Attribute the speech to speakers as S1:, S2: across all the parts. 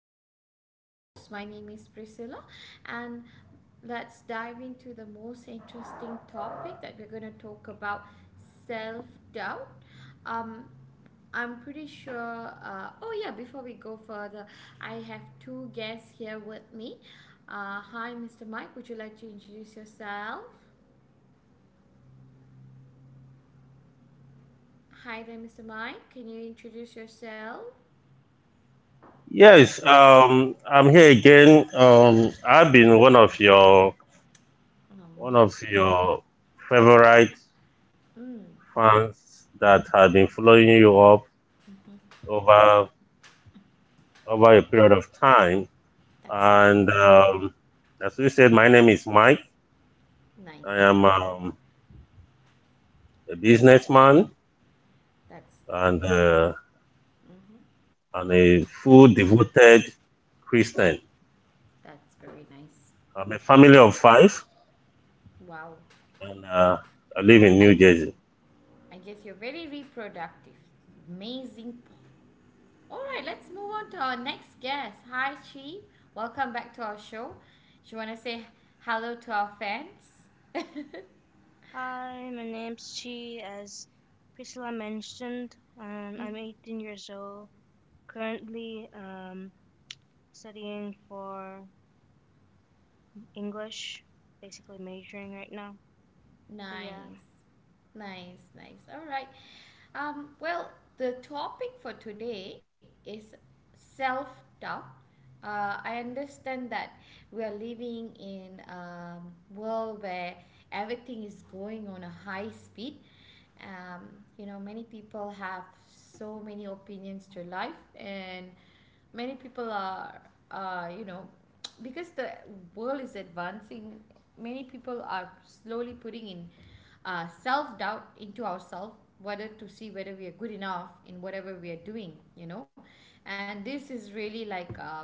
S1: I'll be your host. My name is Priscilla, and let's dive into the most interesting topic that we're going to talk about, self doubt. Um, I'm pretty sure. Oh, yeah, before we go further, I have two guests here with me. Hi, Mr. Mike. Would you like to introduce yourself? Hi there, Mr. Mike. Can you introduce yourself?
S2: Yes, I'm here again. I've been one
S1: Oh.
S2: of your favorite
S1: Mm,
S2: fans that have been following you up
S1: mhm.
S2: over over a period of time.
S1: That's nice.
S2: And as you said, my name is Mike. I
S1: Nice.
S2: am a businessman
S1: That's
S2: and uh,
S1: mm,
S2: and a full devoted Christian.
S1: that's very nice.
S2: I'm a family of five,
S1: Wow.
S2: and I live in
S1: I
S2: New Jersey.
S1: I guess you're very reproductive. Amazing. All right, let's move on to our next guest. Hi, Chi. Welcome back to our show. Do you want to say hello to our fans?
S3: Hi, my name's Chi, as Priscilla mentioned, and I'm 18 years old. Currently, studying for English, basically majoring right now. So
S1: Nice.
S3: yeah,
S1: Nice, nice. All right. Well, the topic for today is self doubt. I understand that we are living in a world where everything is going on a high speed. Um, you know, many people have so many opinions to life, and many people are, you know, because the world is advancing, many people are slowly putting in self-doubt into ourselves, whether to see whether we are good enough in whatever we are doing, you know. And this is really like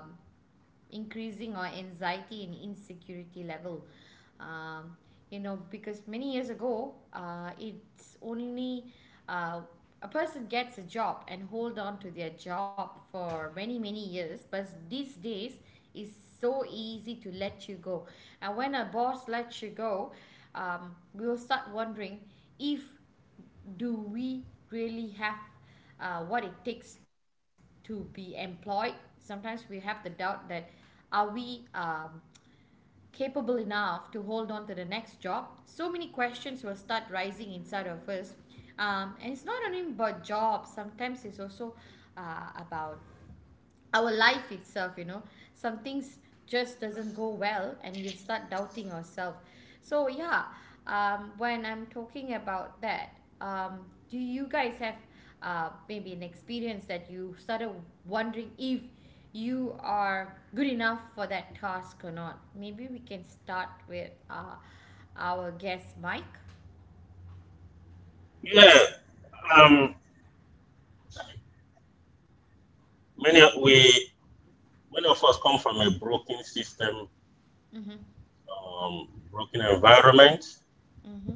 S1: increasing our anxiety and insecurity level. um, you know, because many years ago, it's only uh, a person gets a job and hold on to their job for many many years, but these days is so easy to let you go. And when a boss lets you go, we will start wondering if do we really have what it takes to be employed. Sometimes we have the doubt that are we capable enough to hold on to the next job, so many questions will start rising inside of us. And it's not only about jobs, sometimes it's also about our life itself, you know. Some things just doesn't go well and we'll start doubting ourselves. So yeah, when I'm talking about that, um, do you guys have maybe an experience that you started wondering if you are good enough for that task or not? Maybe we can start with our guest Mike.
S2: Yeah, um, many we many of us come from a broken system,
S1: Mm-hmm,
S2: broken environment,
S1: mm-hmm,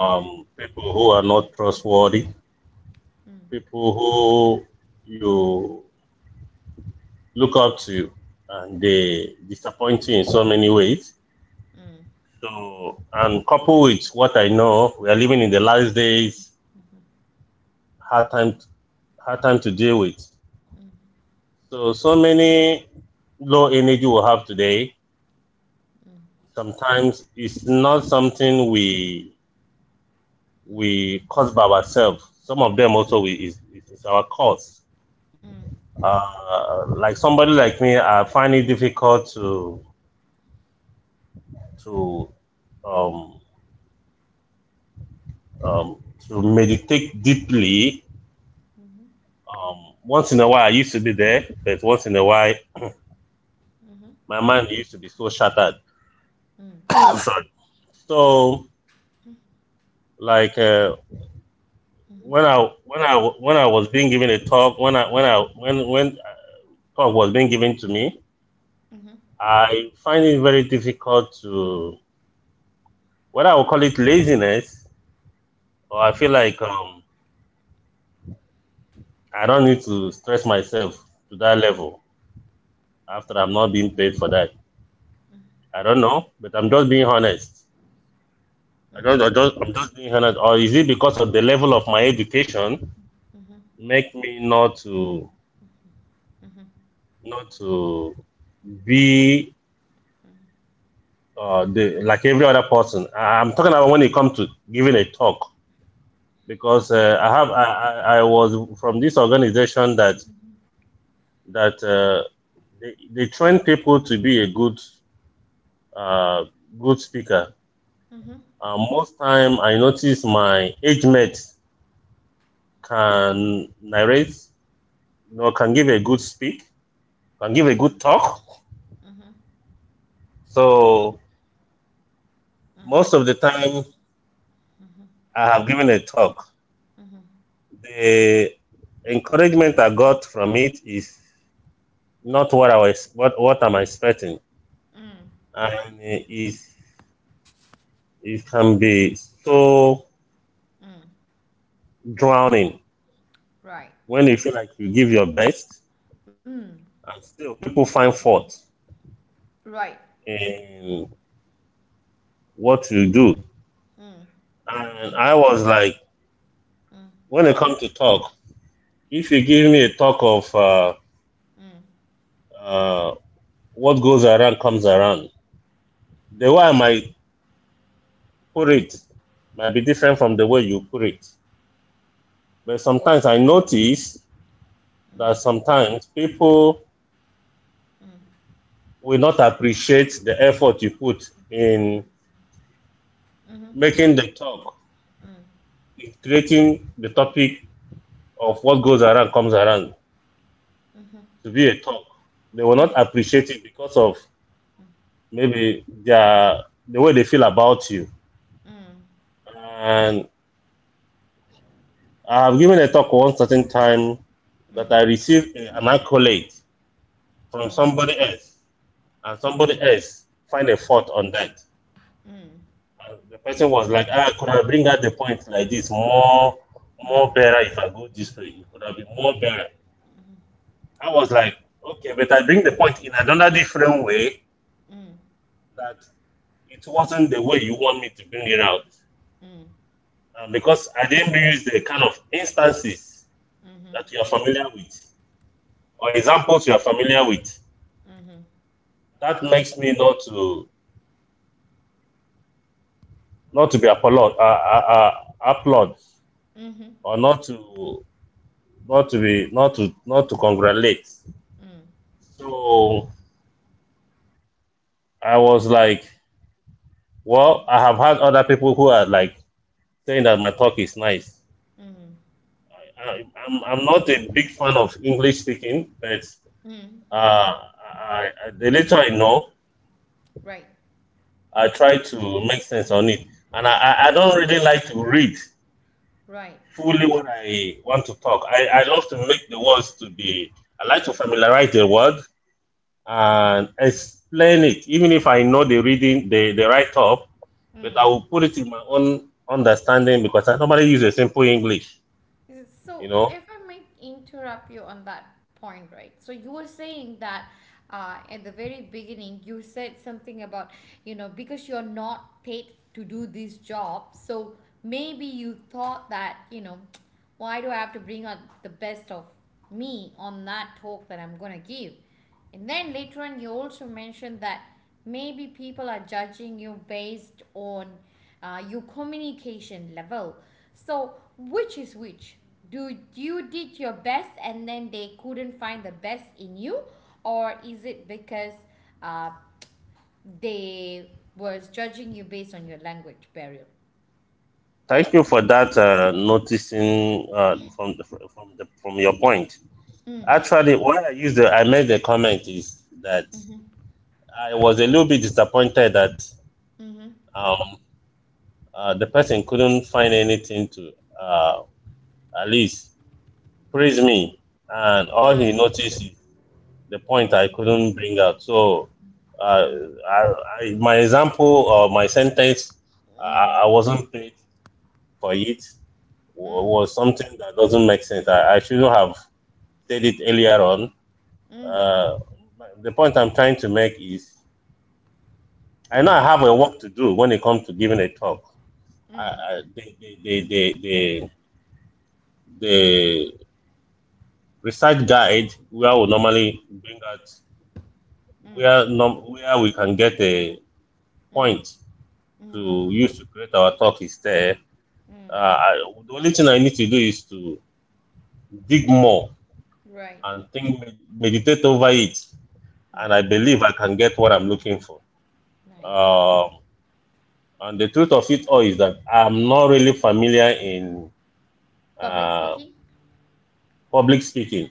S2: people who are not trustworthy,
S1: mm,
S2: people who you look up to and
S1: mm,
S2: they disappoint you in so many ways.
S1: mm,
S2: So, and coupled with what I know, we are living in the last days, hard time, hard time to deal with.
S1: mm, mm,
S2: So, so many low energy we have today.
S1: mm,
S2: Sometimes it's not something we cause by ourselves. Some of them also we is our cause.
S1: mm, mm,
S2: Like somebody like me, I find it difficult to um, um, to meditate deeply. Once in a while, I used to be there, but once in a while,
S1: mm,
S2: my mind used to be so shattered.
S1: mm,
S2: I'm sorry. So, like uh, when
S1: mm,
S2: I when I was being given a talk, when I when I when a talk was being given to me,
S1: Mhm,
S2: I find it very difficult to whether I will call it laziness or I
S1: mhm,
S2: feel like I don't need to stress myself to that
S1: mhm,
S2: level after I'm not being paid for that. I don't know, but I'm just being honest.
S1: mhm, mhm,
S2: I'm just being honest. Or is it because of the level of my education
S1: mhm,
S2: make me not to
S1: mhm, mhm,
S2: not to be like every other person? I'm talking about when it comes to giving a talk because I have I was from this organization that that uh, they train people to be a uh, good speaker.
S1: mhm,
S2: Most time I notice my age mate can narrate, you know, can give a good speak, can give a good talk. So most of the time I have given a talk,
S1: mhm, mhm,
S2: the encouragement I got from it is not what I was what I'm expecting,
S1: mm,
S2: and it can be so
S1: mm.
S2: drowning
S1: Right.
S2: when you feel like you give your best
S1: Mm.
S2: and still people find fault
S1: Right.
S2: in what you do.
S1: Mm.
S2: And I was like,
S1: Mm.
S2: when it comes to talk, if you give me a talk of uh, what goes around comes around, the way I might put it might be different from the way you put it. But sometimes I notice
S1: Mm.
S2: that sometimes people will not appreciate the effort you put in
S1: Mhm,
S2: making the talk,
S1: mm, mhm,
S2: in creating the topic of what
S1: mm,
S2: goes around comes around to be a talk. They will not appreciate it because of maybe the way they feel about you.
S1: mm, mhm, mm, mm,
S2: And I have given a talk one certain time that I
S1: mm,
S2: received an accolade from somebody else,
S1: mm,
S2: and
S1: mm,
S2: somebody else find a fault on that.
S1: mm,
S2: And the person was like, "Ah, could I bring out the point like this more, more better if I go this way? It could have been more better." I was like, "Okay, but I bring the point in another different way that it wasn't the way you want me to bring it out
S1: mm,
S2: because I didn't use the kind of instances
S1: mm, mm,
S2: that you are familiar with or examples you are familiar with.
S1: mhm,
S2: That makes me not to be applaud, applaud
S1: mhm, mhm,
S2: or not to be not to congratulate.
S1: mm,
S2: So I was like, well, I have had other people who are like saying that my talk is nice.
S1: mm,
S2: I'm not a big fan of English speaking, but
S1: mm.
S2: Uh, I, I, the little I know,
S1: Right.
S2: I try to make sense on it, and I don't really like to read
S1: Right.
S2: fully what I want to talk. I love to make the words to be. I like to familiarize the word and explain it, even if I know the reading, the write up, but I will put it in my own understanding because I normally use a simple English.
S1: So,
S2: You know.
S1: if I might interrupt you on that point, right? So, you were saying that at the very beginning, you said something about, you know, because you're not paid to do this job, so maybe you thought that, you know, why do I have to bring out the best of me on that talk that I'm gonna give? And then later on, you also mentioned that maybe people are judging you based on your communication level. So, which is which? Do you did your best and then they couldn't find the best in you, or is it because uh, they was judging you based on your language barrier?
S2: Thank you for that. Noticing from your point.
S1: Mm,
S2: Actually, why I made the comment is that
S1: mm-hmm,
S2: I was a little bit disappointed that
S1: mm-hmm.
S2: um, the person couldn't find anything to uh, at least praise me, and all he
S1: Right.
S2: noticed is the
S1: Mm,
S2: point I couldn't bring out. So, uh, I, I, my example or my sentence,
S1: mm,
S2: I wasn't paid for it,
S1: mm, mm,
S2: was something that doesn't make sense. I shouldn't have said it earlier on.
S1: mm,
S2: Uh, the point I'm trying to make is. I know I have a work to do when it comes to giving a talk.
S1: mm,
S2: I, The research guide where we
S1: mm,
S2: normally bring out
S1: mm,
S2: where we can get a
S1: mm.
S2: point
S1: Mm.
S2: to use to create our talk is there. Uh, I, the only thing I need to do is to dig more
S1: Right.
S2: and think, meditate over it,
S1: Mm,
S2: and I believe I can get what I'm looking for.
S1: nice.
S2: Um and the truth of it all is that I'm not really familiar in.
S1: Public
S2: Uh,
S1: speaking?
S2: Public speaking.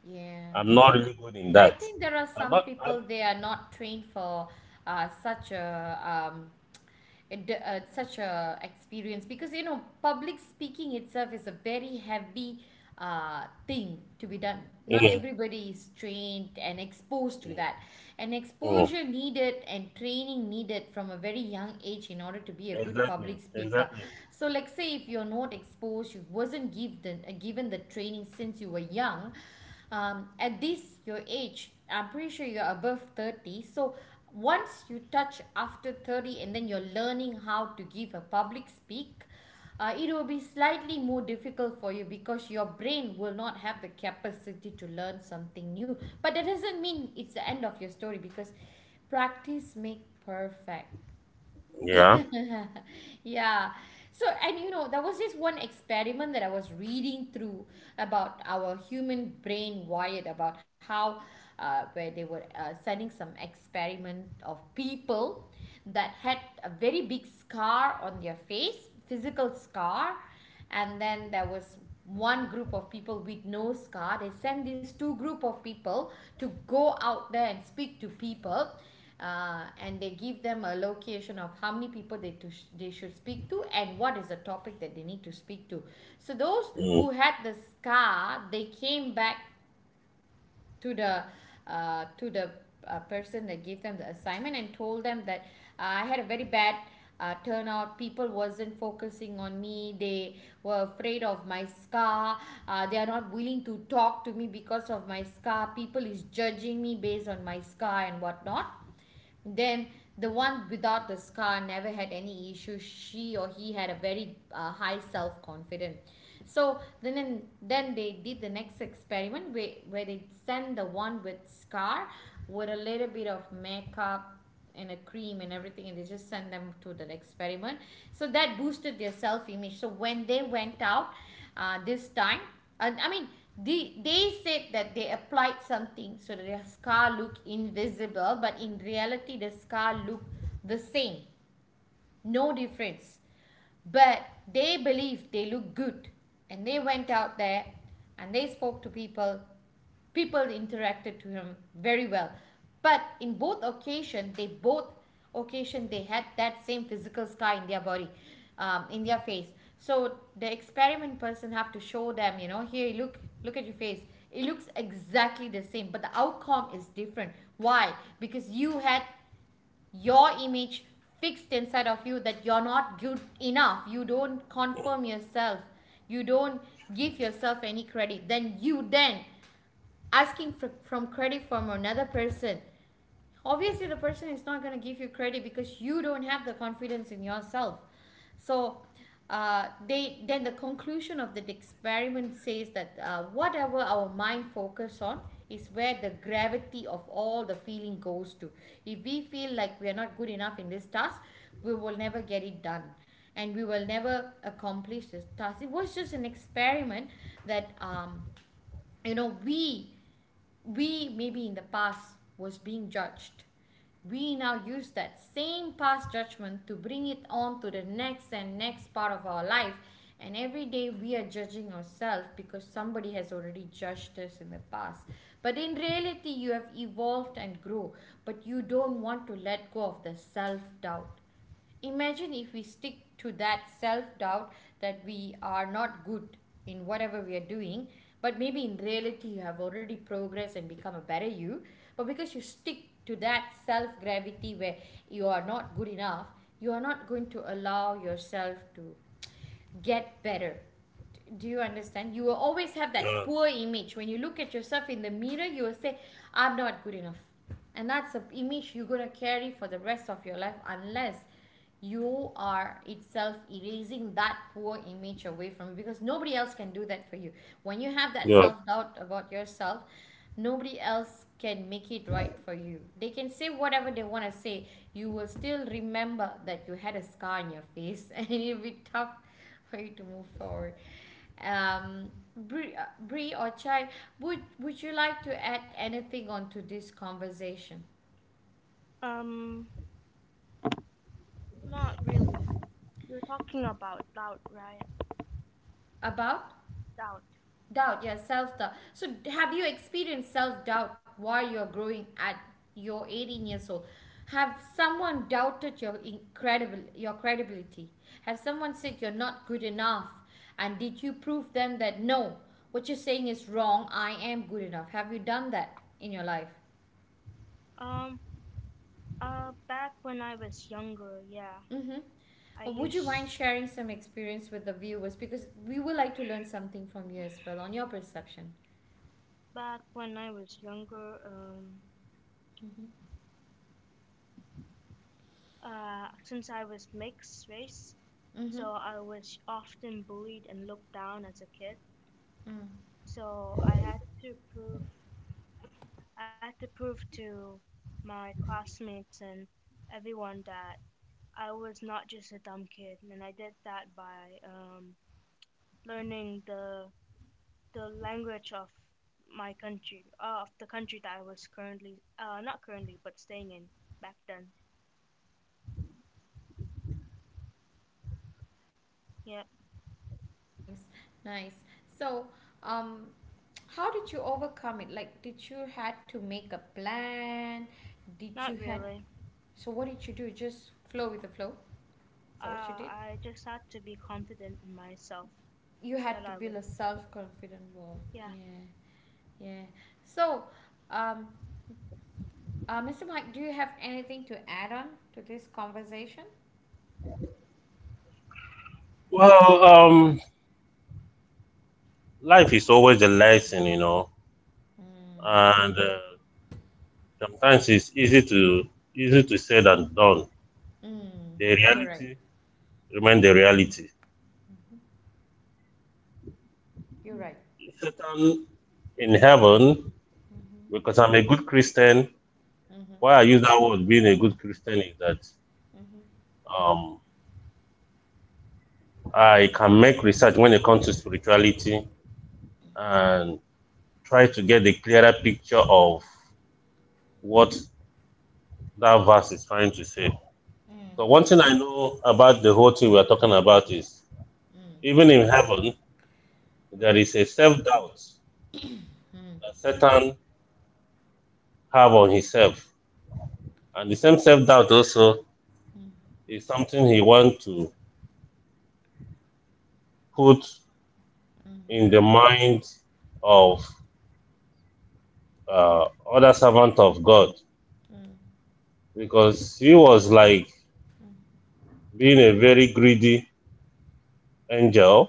S1: Yeah.
S2: I'm not really good in
S1: I
S2: that.
S1: think there are
S2: I'm
S1: some
S2: not. I'm,
S1: people they are not trained for such a such a experience, because you know public speaking itself is a very heavy thing to be done. Not
S2: Mm,
S1: everybody is trained and exposed to
S2: mm,
S1: that. And
S2: mm.
S1: exposure needed and training needed from a very young age in order to be a good
S2: Exactly.
S1: public speaker.
S2: Exactly.
S1: So, like say if you're not exposed, you wasn't given the training since you were young, at this your age I'm pretty sure you're above 30. So once you touch after 30 and then you're learning how to give a public speak, it will be slightly more difficult for you because your brain will not have the capacity to learn something new. But that doesn't mean it's the end of your story, because practice makes perfect.
S2: Yeah.
S1: Yeah. So, and you know, there was this one experiment that I was reading through about our human brain wired about how, where they were sending some experiment of people that had a very big scar on their face, physical scar, and then there was one group of people with no scar. They sent these two group of people to go out there and speak to people, and they give them a location of how many people they they should speak to and what is the topic that they need to speak to. So those
S2: Mm.
S1: who had the scar, they came back to the to the person that gave them the assignment and told them that I had a very bad turnout, people wasn't focusing on me, they were afraid of my scar, they are not willing to talk to me because of my scar, people is judging me based on my scar and whatnot. Then the one without the scar never had any issues. She or he had a very high self confidence. So then they did the next experiment where they sent the one with scar with a little bit of makeup and a cream and everything, and they just sent them to the experiment, so that boosted their self image. So when they went out this time, I mean, they said that they applied something so that their scar looked invisible, but in reality the scar looked the same, no difference. But they believed they looked good, and they went out there and they spoke to people, people interacted to him very well. But in both occasions, they both occasion they had that same physical scar in their body, in their face. So the experiment person have to show them, you know, here, look, look at your face, it looks exactly the same but the outcome is different. Why? Because you had your image fixed inside of you that you're not good enough, you don't confirm yourself, you don't give yourself any credit, then you then asking for, from credit from another person. Obviously the person is not going to give you credit because you don't have the confidence in yourself. So they then the conclusion of the experiment says that whatever our mind focus on is where the gravity of all the feeling goes to. If we feel like we are not good enough in this task, we will never get it done, and we will never accomplish this task. It was just an experiment that you know, we maybe in the past was being judged, we now use that same past judgment to bring it on to the next and next part of our life, and every day we are judging ourselves because somebody has already judged us in the past. But in reality you have evolved and grow, but you don't want to let go of the self doubt. Imagine if we stick to that self doubt that we are not good in whatever we are doing, but maybe in reality you have already progressed and become a better you. But because you stick to that self gravity where you are not good enough, you are not going to allow yourself to get better. Do you understand? You will always have that
S2: Yeah.
S1: poor image. When you look at yourself in the mirror you will say, I'm not good enough, and that's an image you're going to carry for the rest of your life, unless you are itself erasing that poor image away from you, because nobody else can do that for you. When you have that
S2: Yeah.
S1: self doubt about yourself, nobody else can make it right for you. They can say whatever they want to say, you will still remember that you had a scar on your face and it'll be tough for you to move forward. um Bree, Bree or Chai, would you like to add anything onto this conversation
S3: um, not really. You're talking about doubt, right?
S1: about?
S3: Doubt.
S1: Doubt, yeah, self doubt. So, have you experienced self doubt while you're growing at your 18 years old? Have someone doubted your incredible your credibility? Have someone said you're not good enough? And did you prove them that no, what you're saying is wrong? I am good enough. Have you done that in your life?
S3: Um, back when I was younger, yeah,
S1: Mm-hmm.
S3: I
S1: Well, would you mind
S3: used
S1: sharing some experience with the viewers, because we would like to learn something from you as well on your perception?
S3: back when I was younger. Since I was mixed race,
S1: Mm-hmm.
S3: so I was often bullied and looked down as a kid. So I had to prove to my classmates and everyone that I was not just a dumb kid, and I did that by learning the language of my country, of the country that I was currently not currently but staying in back then. Yep,
S1: Nice, nice. So, um, how did you overcome it? Like, did you had to make a plan? Did you
S3: not
S1: had
S3: really.
S1: so what did you do? Just flow with the flow? Is that what you
S3: Uh,
S1: did?
S3: I just had to be confident in myself
S1: You had
S3: that
S1: to
S3: I
S1: build
S3: was
S1: a self-confident wall.
S3: yeah.
S1: Yeah, yeah. So, um, Mr. Mike, do you have anything to add on to this conversation?
S2: Well, life is always a lesson, you know,
S1: Mm.
S2: and sometimes it's easy to say than done.
S1: Mm.
S2: The
S1: You're right.
S2: reality remain the
S1: Mm.
S2: reality.
S1: You're right.
S2: Satan in heaven, because
S1: Mm-hmm.
S2: I'm a good Christian.
S1: Mm-hmm.
S2: Why I use that word being a good Christian is that
S1: Mm-hmm.
S2: um, I can make research when it comes to spirituality and try to get a clearer picture of what that verse is trying to say.
S1: Mm.
S2: So, one thing I know about the whole thing we are talking about is
S1: Mm.
S2: even in heaven, there
S1: Right?
S2: is a self doubt that Satan have on himself. And the same self doubt also is something he wants to put in the mind of uh, other servant of God because he was like being a very greedy Angel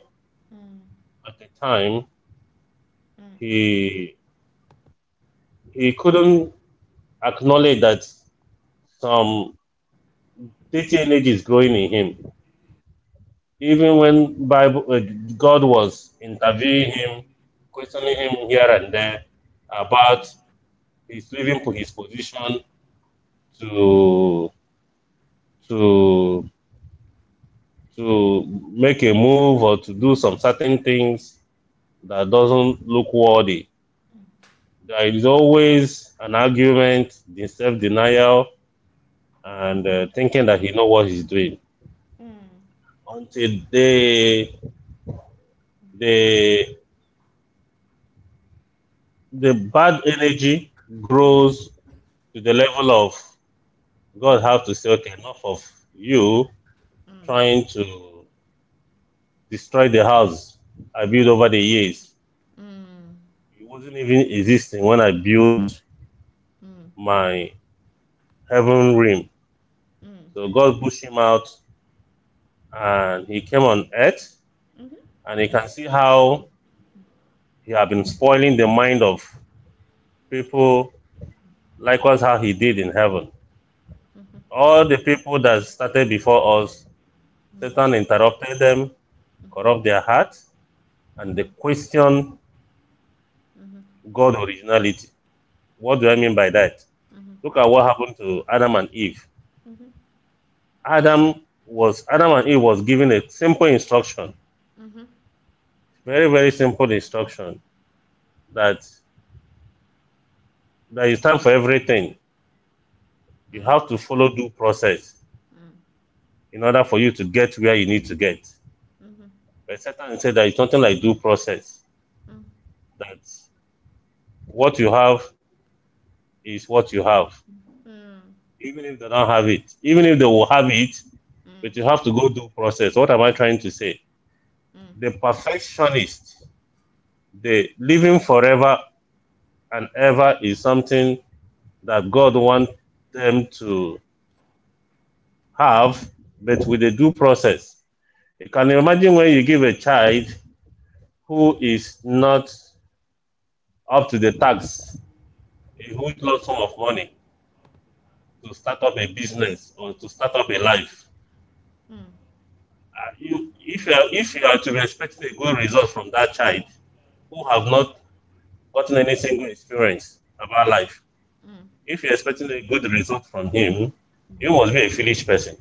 S2: at the time, he he couldn't acknowledge that some Christian age is growing in him. Even when Bible God was interviewing him, questioning him here and there about his his position to to to make a move or to do some certain things that doesn't look worthy. There is always an argument, the self denial, and thinking that he know what he's doing until the the bad energy grows to the level of God have to say, okay, enough of you trying to destroy the house I built over the years. It wasn't even existing when I built my heaven realm. So God pushed him out and he came on earth and you can see how he had been spoiling the mind of people likewise how he did in heaven. All the people that started before us, Satan interrupted them, corrupt their hearts, and they question God originality. What do I mean by that? Look at what happened to Adam and Eve. Adam and Eve was given a simple instruction, very very simple instruction that there is time for everything. You have to follow due process in order for you to get where you need to get. But Satan said there is nothing like due process. That What you have is what you have, even if they don't have it, even if they will have it, but you have to go through process. What am I trying to say? The perfectionist, the living forever and ever is something that God wants them to have, but with a due process. You can imagine when you give a child who is not up to the tax a huge lump sum of money to start up a business or to start up a life. You, if you are to be expecting a good result from that child who have not gotten any single experience about life, if you're expecting a good result from him, you must be a foolish person.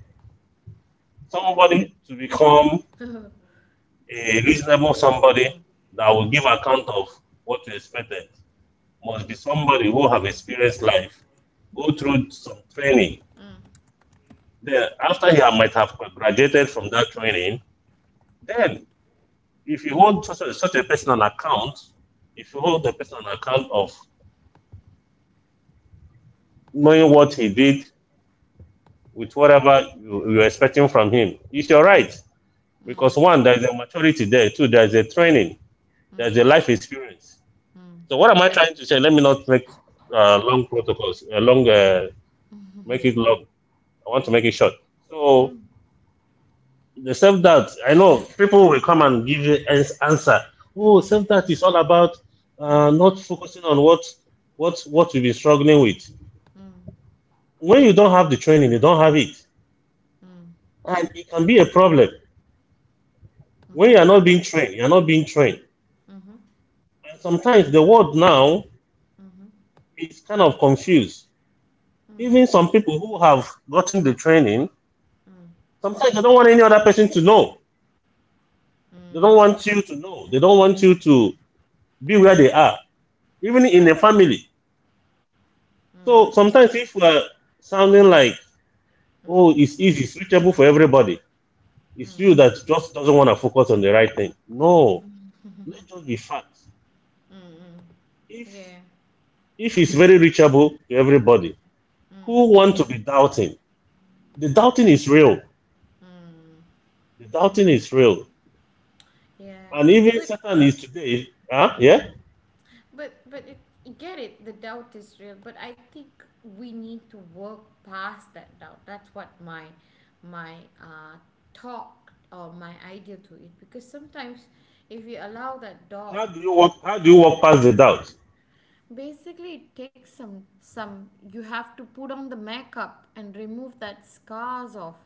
S2: Somebody to become a reasonable somebody that will give account of what you expected must be somebody who have experienced life, go through some training. Then after he might have graduated from that training, then if you hold such a person on account, if you hold the person on account of knowing what he did with whatever you're expecting from him, it's your right. Because one, there's a maturity there. Two, there's a training. There's a life experience. So what am I trying to say? Let me not make long protocols, make it long. I want to make it
S1: Mm.
S2: short. So
S1: Mm.
S2: the self doubt. I know people will come and give you an answer. Oh, self doubt is all about not
S1: Mm.
S2: focusing on what we've been struggling with.
S1: Mm.
S2: When you don't have the training, you don't have it,
S1: Mm.
S2: and it can be a problem. When you are
S1: Mhm.
S2: not being trained, you are not being trained, and sometimes the world now
S1: Mhm. Mhm.
S2: is kind of confused. Even
S1: Mm.
S2: some people who have gotten the training,
S1: Mm.
S2: sometimes they don't want any other person to know. They
S1: Mm.
S2: don't want you to know. They don't want you to be where
S1: Mm.
S2: they are, even in a
S1: Right.
S2: family.
S1: Mm.
S2: So sometimes if we're sounding like,
S1: Mm.
S2: oh, it's easy, it's reachable for everybody, it's
S1: Mm.
S2: you that just doesn't want to focus on the right thing. No, let's just be facts.
S1: Mm. Mm.
S2: If
S1: Yeah.
S2: if it's very reachable to everybody, who
S1: Mm.
S2: want to be doubting? The doubting is real.
S1: Mm.
S2: The doubting is real.
S1: Yeah.
S2: And even
S1: But
S2: Satan is today, huh?
S1: mm.
S2: Yeah?
S1: but but it, I get it. The doubt is real, but I think we need to work past that doubt. That's what my my uh talk or my idea to it, because sometimes if we allow that doubt.
S2: How do you walk past the doubt?
S1: Basically, it takes some. You have to put on the makeup and remove that scars off.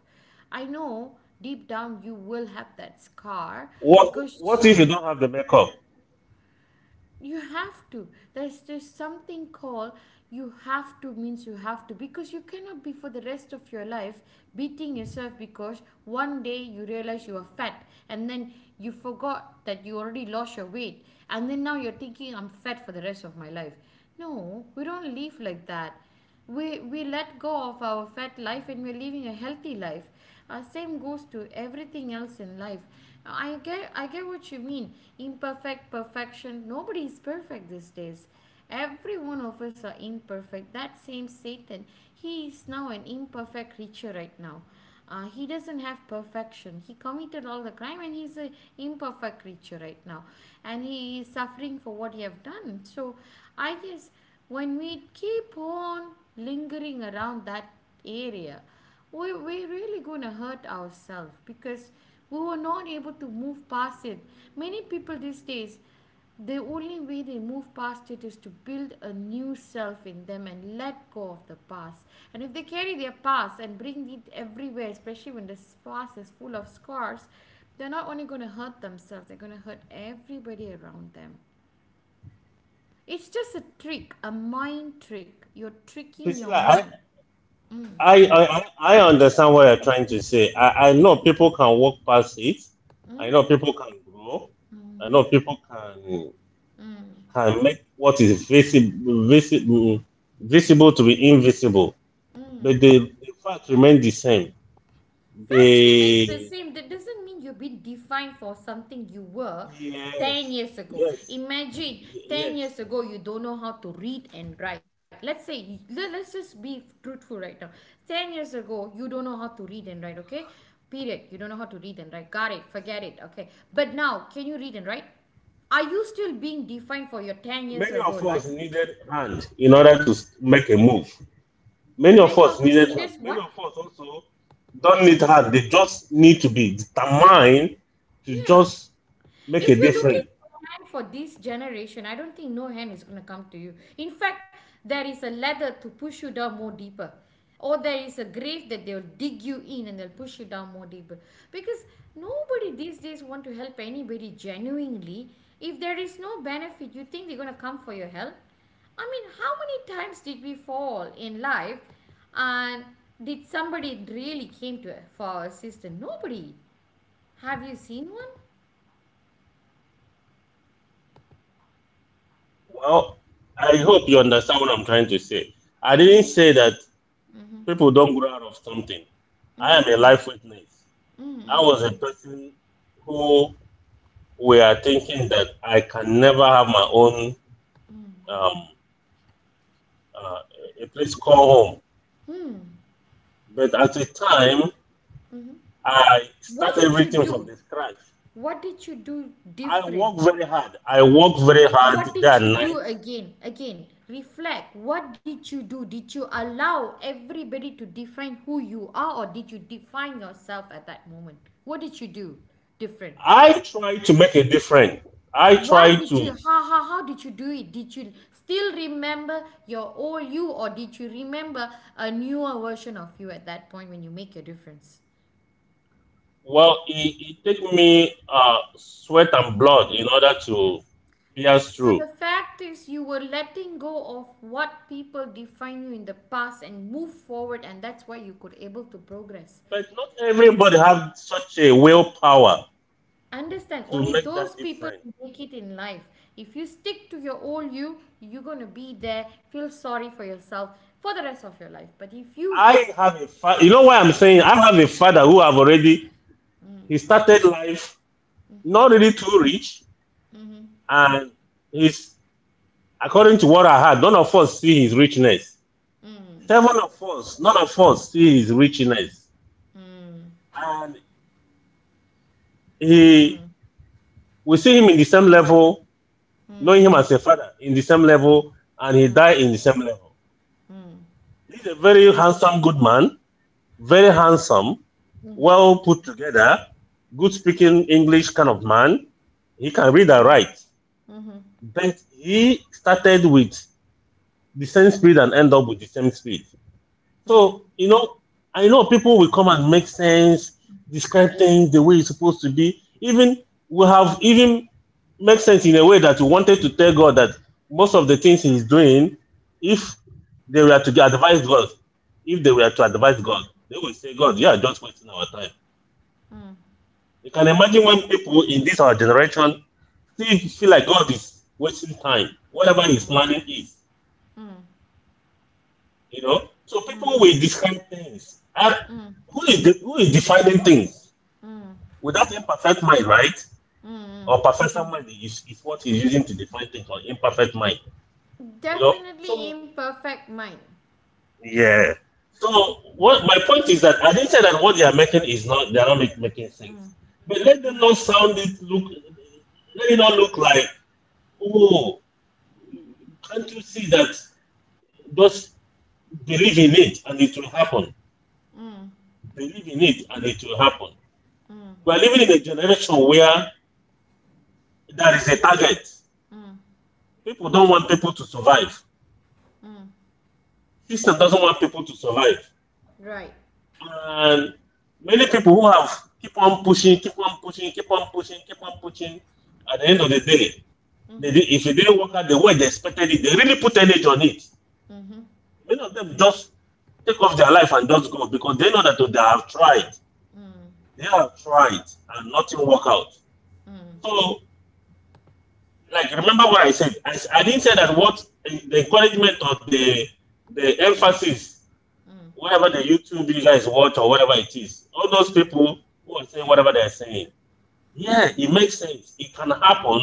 S1: I know deep down you will have that scar
S2: What
S1: because
S2: what if you don't have the makeup?
S1: you have to, there's something called you have to means you have to, because you cannot be for the rest of your life beating yourself because one day you realize you are fat, and then you forgot that you already lost your weight, and then now you're thinking I'm fat for the rest of my life. No, we don't live like that. We let go of our fat life and we're living a healthy life. Same goes to everything else in life. I get what you mean. Imperfect perfection, nobody is perfect these days. Every one of us are imperfect. That same Satan, he is now an imperfect creature right now. He doesn't have perfection. He committed all the crime and he's a imperfect creature right now, and he is suffering for what he have done. So I guess when we keep on lingering around that area, we're really going to hurt ourselves because we were not able to move past it. Many people these days, the only way they move past it is to build a new self in them and let go of the past. And if they carry their past and bring it everywhere, especially when the past is full of scars, they're not only going to hurt themselves, they're going to hurt everybody around them. It's just a trick, a mind trick. You're tricking your
S2: Priscilla,
S1: mind.
S2: I, I understand what you're trying to say. I know people can walk past it. I know people can grow. I know people can make what is visible visible visible to be invisible. But the fact remains the same.
S1: Facts remains the
S2: The
S1: same. That doesn't mean you've been defined for something you were 10
S2: yes,
S1: years ago.
S2: yes,
S1: Imagine 10
S2: yes.
S1: years ago, you don't know how to read and write. Let's say, let's just be truthful right now. 10 years ago, you don't know how to read and write, okay? Period. You don't know how to read and write. Got it. Forget it, okay? But now, can you read and write? Are you still being defined for your 10 years
S2: Many
S1: ago
S2: of us
S1: life?
S2: needed hand in order to make a move. Many
S1: Many
S2: of
S1: of
S2: us
S1: us
S2: needed
S1: need us
S2: hand.
S1: what?
S2: Many of us also don't need hand. They just need to be determined to
S1: Yeah.
S2: just make a
S1: If you're looking
S2: difference.
S1: for a man for this generation, I don't think no hand is going to come to you. In fact, there is a ladder to push you down more deeper, or there is a grave that they'll dig you in and they'll push you down more deeper. Because nobody these days want to help anybody genuinely. If there is no benefit, you think they're going to come for your help? I mean, how many times did we fall in life and did somebody really came to for assistance? Nobody. Have you seen one?
S2: Well, I hope you understand what I'm trying to say. I didn't
S1: Mm-hmm.
S2: say that
S1: Mm-hmm.
S2: people don't grow out of something. I am a
S1: Mm,
S2: life witness.
S1: mm,
S2: I
S1: mm,
S2: was a
S1: mm,
S2: person who were thinking that I can never have my own
S1: mm,
S2: um, uh, a place called home.
S1: mm,
S2: But at the time,
S1: mhm.
S2: I
S1: What
S2: start
S1: did you
S2: everything from
S1: do?
S2: the scratch.
S1: What did you do
S2: I work
S1: different?
S2: very hard. I work very hard
S1: What
S2: day
S1: did you
S2: and night.
S1: do again? Again, reflect. What did you do? Did you allow everybody to define who you are, or did you define yourself at that moment? What did you do different?
S2: I try to make a difference. I
S1: Why
S2: try
S1: did
S2: to,
S1: you? How did you do it? Did you still remember your old you, or did you remember a newer version of you at that point when you make your difference?
S2: well, it take me sweat and blood in order to pierce
S1: So the
S2: through.
S1: fact is, you were letting go of what people define you in the past and move forward, and that's why you could able to progress.
S2: But not everybody have such a willpower
S1: Understand?
S2: to
S1: Only
S2: make that
S1: those people
S2: difference.
S1: make it in life. If you stick to your old you, you're gonna be there. Feel sorry for yourself for the rest of your life. But if you,
S2: I have a father, you know why I'm saying I have a father who have already, he started life not really too rich and he's, according to what I heard, none of us see his richness.
S1: mm,
S2: Seven of us, none of us see his richness.
S1: mm,
S2: And he we see him in the same level, knowing him as a father in the same level, and he died in the same level.
S1: mm,
S2: He's a very handsome, good man, very handsome,
S1: mm,
S2: well put together, good speaking English kind of man. He can read and
S1: mhm,
S2: write.
S1: mhm,
S2: But he started with the same speed and end up with the same speed.
S1: mm,
S2: So, I know people will come and make sense, describe things the way it's supposed to be. Even we have even make sense in a way that you wanted to tell God that most of the things he's doing, if they were to advise God, if they were to
S1: mm,
S2: advise God, they will
S1: mm,
S2: say, God, you are just wasting our time.
S1: mm,
S2: You can imagine when people in this our generation still feel like God is wasting time, whatever he's
S1: mm,
S2: planning is. So
S1: mm,
S2: people
S1: mm,
S2: will
S1: mm,
S2: discount things. And
S1: mm,
S2: who is who is defining things?
S1: mm, mm,
S2: Without imperfect mind, right?
S1: mm,
S2: Or perfect
S1: mm.
S2: mind is what he's using to define things, or imperfect mind. You know,
S1: Definitely
S2: so
S1: imperfect mind.
S2: yeah. So what my point is that I didn't say that what they are making is not they are not making sense, but let them not sound it look. Let it not look like oh, can't you see that? Just believe in it and it will happen.
S1: Mm,
S2: Believe in it and it will happen.
S1: mm,
S2: We are living in a generation where there is a target.
S1: mm,
S2: People don't want people to survive.
S1: mm.
S2: System doesn't want people to survive.
S1: Right.
S2: And many people who have keep on pushing, keep on pushing, keep on pushing, keep on pushing. At the end of the
S1: Yes.
S2: day,
S1: Mm-hmm.
S2: if it didn't work out the way they expected it, they really put energy on it. Many of them just take off their life and just go because they know that they have tried. They have tried and nothing work out. So like remember what I said. I didn't say that what the encouragement or the emphasis, whatever the YouTube you guys watch or whatever it is, all those people who are saying whatever they are saying. Yeah, it makes sense. It can happen,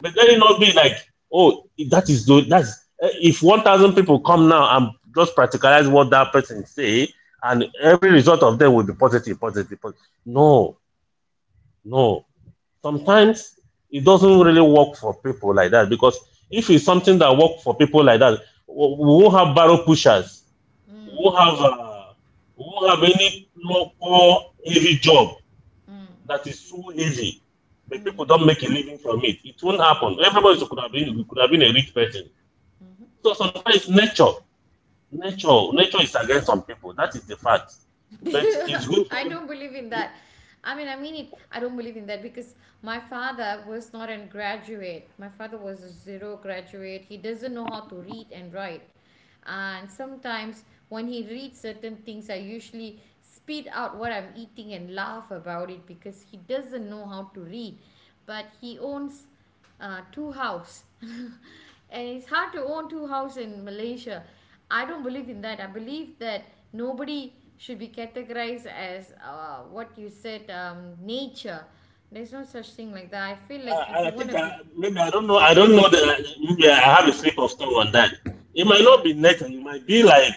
S2: but let it not be like, oh, that is good. If 1,000 people come now and just practicalize what that person say, and every result of them will be positive, positive, positive. No, no sometimes it doesn't really work for people like that because if it's something that work for people like that, we won't have barrel pushers, we won't have uh, we won't have any low local heavy job that is so heavy. But people don't make a living from it. It won't happen. Everybody could have been a rich person. So sometimes nature is against some people. That is the fact. But
S1: Mm-hmm.
S2: it's good for
S1: I don't believe in
S2: every-
S1: that. I mean it. I don't believe in that because my father was not a graduate. My father was a zero graduate. He doesn't know how to read and write. And sometimes when he reads certain things, I usually spit out what I'm eating and laugh about it because he doesn't know how to read. But he owns two house and it's hard to own two house in Malaysia. I don't believe in that. I believe that nobody should be categorized as what you said, nature. There's no such thing like that. I feel like if
S2: I, I
S1: you want
S2: think
S1: to
S2: I,
S1: be,
S2: maybe I don't know. I don't know that maybe I have a slip of tongue on that. It might
S1: yeah.
S2: not be nature. It might be like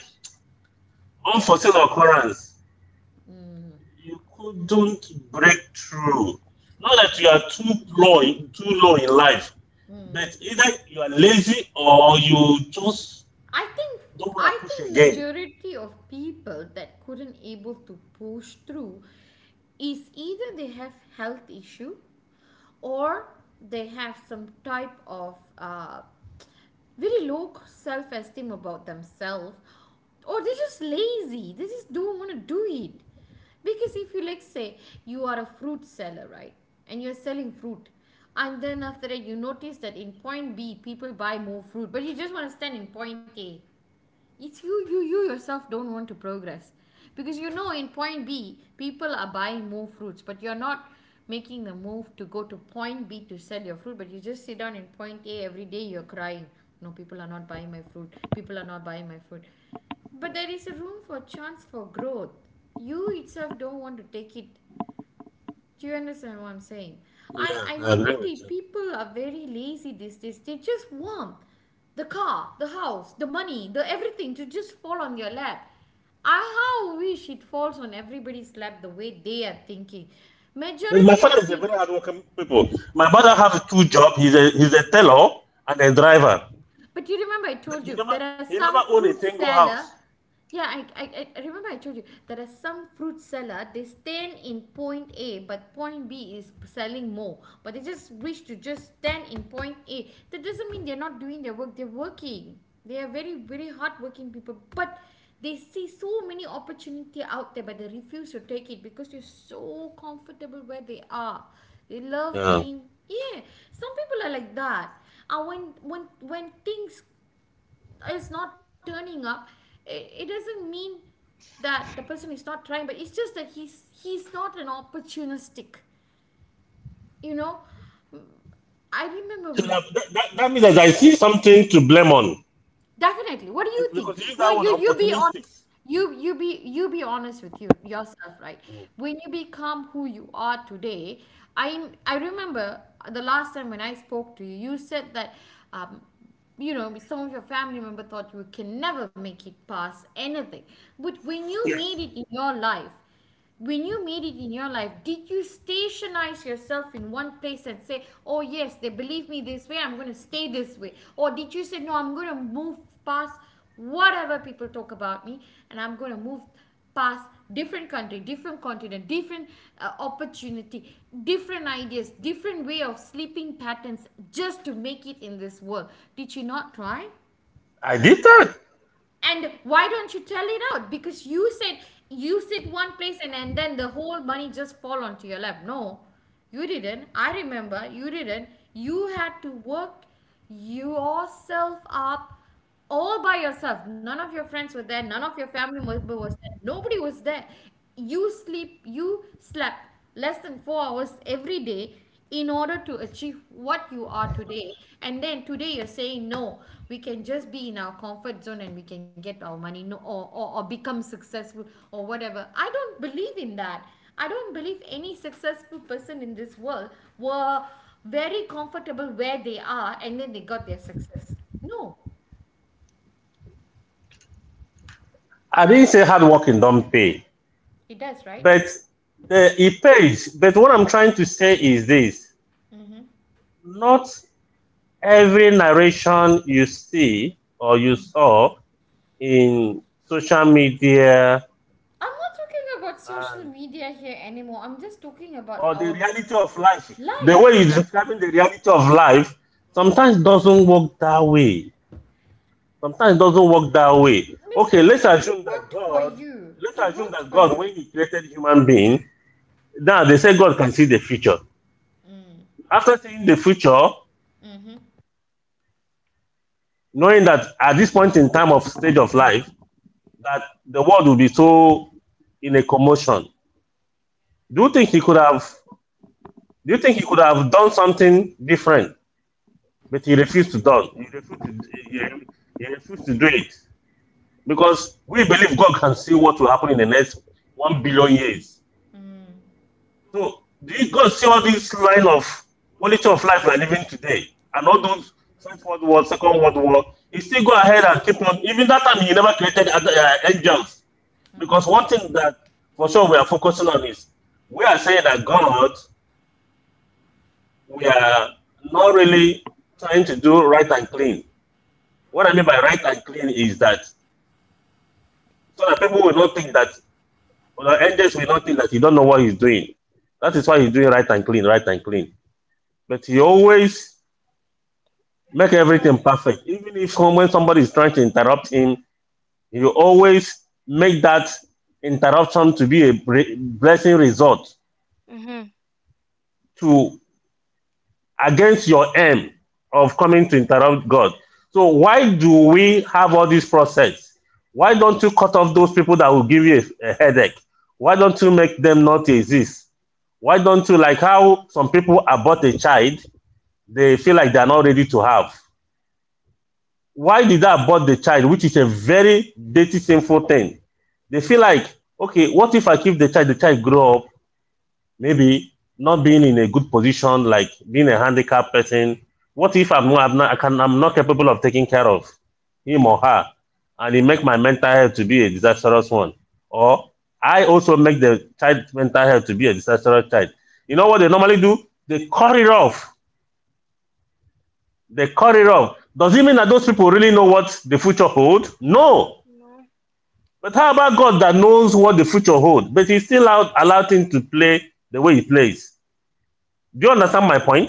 S2: unforeseen occurrence. You couldn't break through. Not that you are too low, too low in life, but either you are lazy or you just
S1: I think
S2: don't want
S1: I
S2: to push
S1: think
S2: again.
S1: majority of people that couldn't able to push through is either they have health issue, or they have some type of very low self esteem about themselves, or they're
S3: It,
S1: just lazy, they just don't want to do it. Because if you like
S3: I,
S1: say you are a fruit seller, right, and you're selling fruit, and then after that you notice that in point B people buy more fruit but you just want to stand in point A, it's you yourself don't want to progress, because you know in point B people are buying more fruits but you're not making the move to go to point B to sell your fruit, but you just sit down in point A every day you're crying, no, people are not buying my fruit, people are not buying my fruit, but there is a room for chance for growth, you itself don't want to take it. Do you understand what I'm saying? I,
S2: Yeah,
S1: I
S2: I agree with
S1: noted
S2: you.
S1: people are very lazy these days. They just want the car, the house, the money, the everything to just fall on your lap. I how wish it falls on everybody's lap the way they are thinking.
S2: But my
S1: Majority
S2: father
S1: of
S2: is a
S1: people.
S2: very hardworking people. My brother has two jobs. He's a tailor and a driver.
S1: But you remember I
S2: But
S1: told you there are
S2: he
S1: some
S2: never owned
S1: fruit
S2: a single
S1: seller.
S2: house.
S1: Yeah, I remember I told you there are some fruit seller. They stand in point A, but point B is selling more. But they just wish to just stand in point A. That doesn't mean they're not doing their work. They're working. They are very very hard working people. But they see so many opportunity out there, but they refuse to take it because they're so comfortable where they are. They love being, yeah. Some people are like that. And when things is not turning up, it doesn't mean that the person is not trying, but it's just that he's not an opportunistic. You know, I
S2: So
S1: remember.
S2: that means that I see something to blame on.
S1: Definitely. What do you think?
S2: Because you use
S1: No,
S2: that word
S1: you be honest.
S2: opportunistic.
S1: You be honest with you yourself, right?
S2: Mm.
S1: When you become who you are today, I remember the last time when I spoke to you, you said that um, you know some of your family member thought you can never make it past anything, but when you made it in your life, when you made it in your life, did you stationize yourself in one place and say, oh yes, they believe me this way, I'm going to stay this way? Or did you say, no, I'm going to move past whatever people talk about me, and I'm going to move past different country, different continent, different opportunity, different ideas, different way of sleeping patterns just to make it in this world? Did you not try,
S2: I did that.
S1: and why don't you tell it out? Because you said you sit one place, and then the whole money just fall onto your lap. No, you didn't. I remember you didn't. You had to work yourself up all by yourself. None of your friends were there, none of your family member was there, nobody was there. You sleep, you slept less than 4 hours every day in order to achieve what you are today. And then today you're saying, no, we can just be in our comfort zone and we can get our money, no, or become successful or whatever. I don't believe in that. I don't believe any successful person in this world were very comfortable where they are and then they got their success. No,
S2: I didn't say hard working don't pay.
S1: it does, right?
S2: But it pays. But what I'm trying to say is this not every narration you see or you
S1: Mm.
S2: saw in social media
S1: I'm not talking about social
S2: and
S1: media here anymore. I'm just talking about
S2: or the
S1: our
S2: reality of life, the
S1: life
S2: way you're
S1: itself.
S2: describing the reality of life, sometimes doesn't work that way. Sometimes it doesn't work that way. Okay,
S1: Mr. Mark, it worked for you.
S2: Let's
S1: It
S2: assume
S1: worked
S2: that
S1: for
S2: God, when
S1: you.
S2: He created human being, now they say God can see the future. After seeing the future, knowing that at this point in time of stage of life, that the world will be so in a commotion. Do you think He could have? Do you think He could have done something different? But He refused to do. He refused to. He, he refused to do it because we believe God can see what will happen in the next 1 billion years. So do you God see all this line of quality of life we're living today and all those First World War, Second World War? He still go ahead and keep on. Even that time, he never created angels because one thing that for sure we are focusing on is we are saying that God, we are not really trying to do right and clean. What I mean by right and clean is that so that people will not think that, or the angels will not think that you don't know what he's doing. That is why he's doing right and clean, right and clean. But he always make everything
S3: Yes.
S2: perfect. Even if when somebody is trying to interrupt him, you always make that interruption to be a blessing result
S3: Mm-hmm.
S2: to against your aim of coming to interrupt God. So why do we have all this process? Why don't you cut off those people that will give you a headache? Why don't you make them not exist? Why don't you like how some people abort a child? They feel like they are not ready to have. Why did I abort the child, which is a very dirty, sinful thing? They feel like, okay, what if I keep the child grow up, maybe not being in a good position, like being a handicapped person? What if I'm not capable of taking care of him or her, and it make my mental health to be a disastrous one? Or I also make the child mental health to be a disastrous child. You know what they normally do? They cut it off. They cut it off. Does it mean that those people really know what the future holds? No.
S3: No.
S2: But how about God that knows what the future holds, but He still allowed him to play the way he plays? Do you understand my point?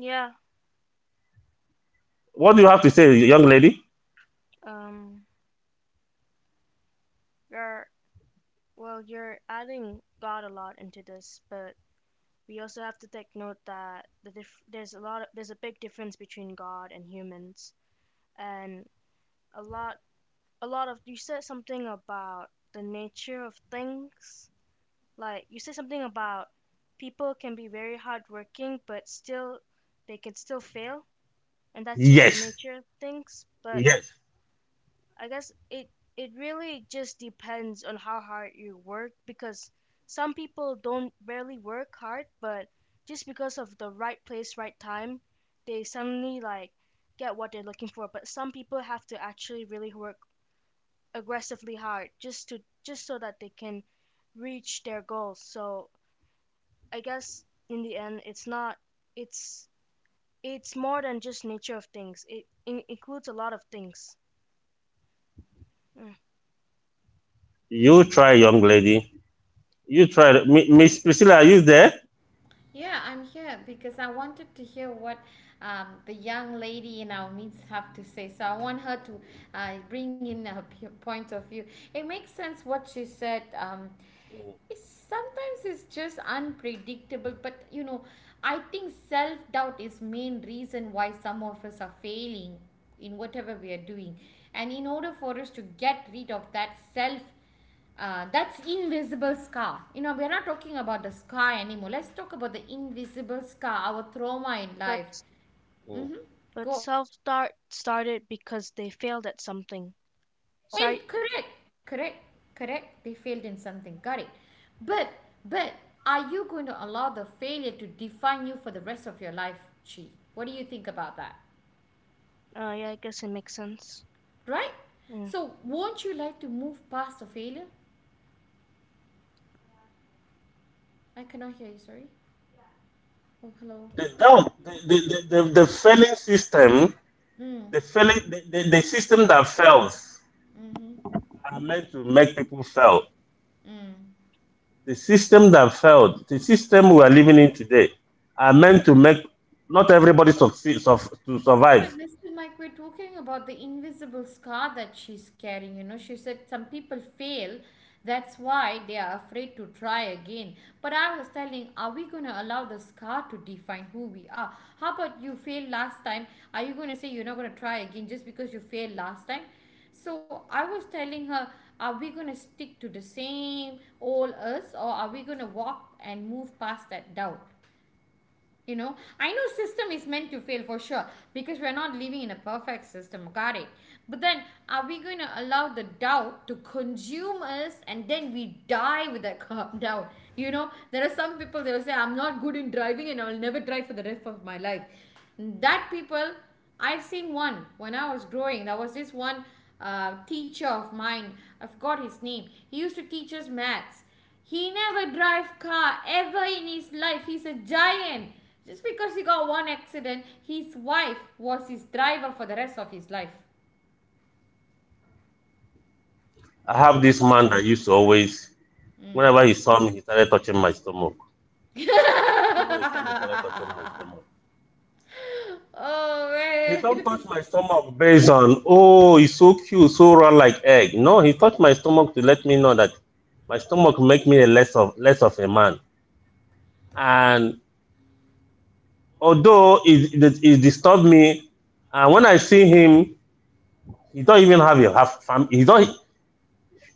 S3: Yeah.
S2: What do you have to say, young lady?
S3: Um. You're well. You're adding God a lot into this, but we also have to take note that there's a lot. Of, there's a big difference between God and humans, and a lot. A lot of you said something about the nature of things. Like you said something about people can be very hardworking, but still they can still fail, and that's just the
S2: Yes.
S3: nature of things. But
S2: Yes.
S3: I guess it really just depends on how hard you work because some people don't barely work hard, but just because of the right place, right time, they suddenly like get what they're looking for. But some people have to actually really work aggressively hard just to just so that they can reach their goals. So I guess in the end, it's not it's it's more than just nature of things. It, in includes a lot of things. Mm.
S2: You try, young lady. You try. Miss Priscilla, are you there?
S1: Yeah, I'm here because I wanted to hear what the young lady in our midst have to say. So I want her to bring in her point of view. It makes sense what she said. Sometimes it's just unpredictable, but I think self-doubt is main reason why some of us are failing in whatever we are doing. And in order for us to get rid of that's invisible scar. We're not talking about the scar anymore. Let's talk about the invisible scar, our trauma in
S3: But
S1: life. Go
S3: But
S1: on.
S3: self-start started because they failed at something.
S1: They
S3: Sorry.
S1: failed. Correct. Correct. Correct. They failed in something. Got it. But but are you going to allow the failure to define you for the rest of your life, Chi? What do you think about that?
S3: Yeah, I guess it makes sense.
S1: Right?
S3: Mm.
S1: So won't you like to move past the failure? I cannot hear you. Sorry. Oh, hello.
S2: The, doubt-
S3: Yeah.
S2: the failing system,
S1: Mm.
S2: the, failing, the system that fails are meant to make people fail. The system that failed, the system we are living in today, are meant to make not everybody succeed to
S1: But
S2: survive.
S1: Mr. Mike, we're talking about the invisible scar that she's carrying. You know, she said some people fail. That's why they are afraid to try again. But I was telling, are we going to allow the scar to define who we are? How about you failed last time? Are you going to say you're not going to try again just because you failed last time? So I was telling her, are we going to stick to the same old us or are we going to walk and move past that doubt? I know system is meant to fail for sure, because we're not living in a perfect system. Got it. But then, are we going to allow the doubt to consume us and then we die with that doubt? There are some people, they will say, I'm not good in driving and I'll never drive for the rest of my life. That people. I've seen one. When I was growing, there was this one teacher of mine. I forgot his name. He used to teach us maths. He never drive car ever in his life. He's a giant. Just because he got one accident, his wife was his driver for the rest of his life.
S2: I have this man that used to always, whenever he saw me, he started touching my stomach. Whenever he saw me, he started touching my
S1: Oh
S2: stomach. He don't touch
S1: man.
S2: my stomach based on oh he's so cute, so round like egg. No, he touched my stomach to let me know that my stomach make me a less of a man. And although it disturbed me, and when I see him, He don't even have a have fam-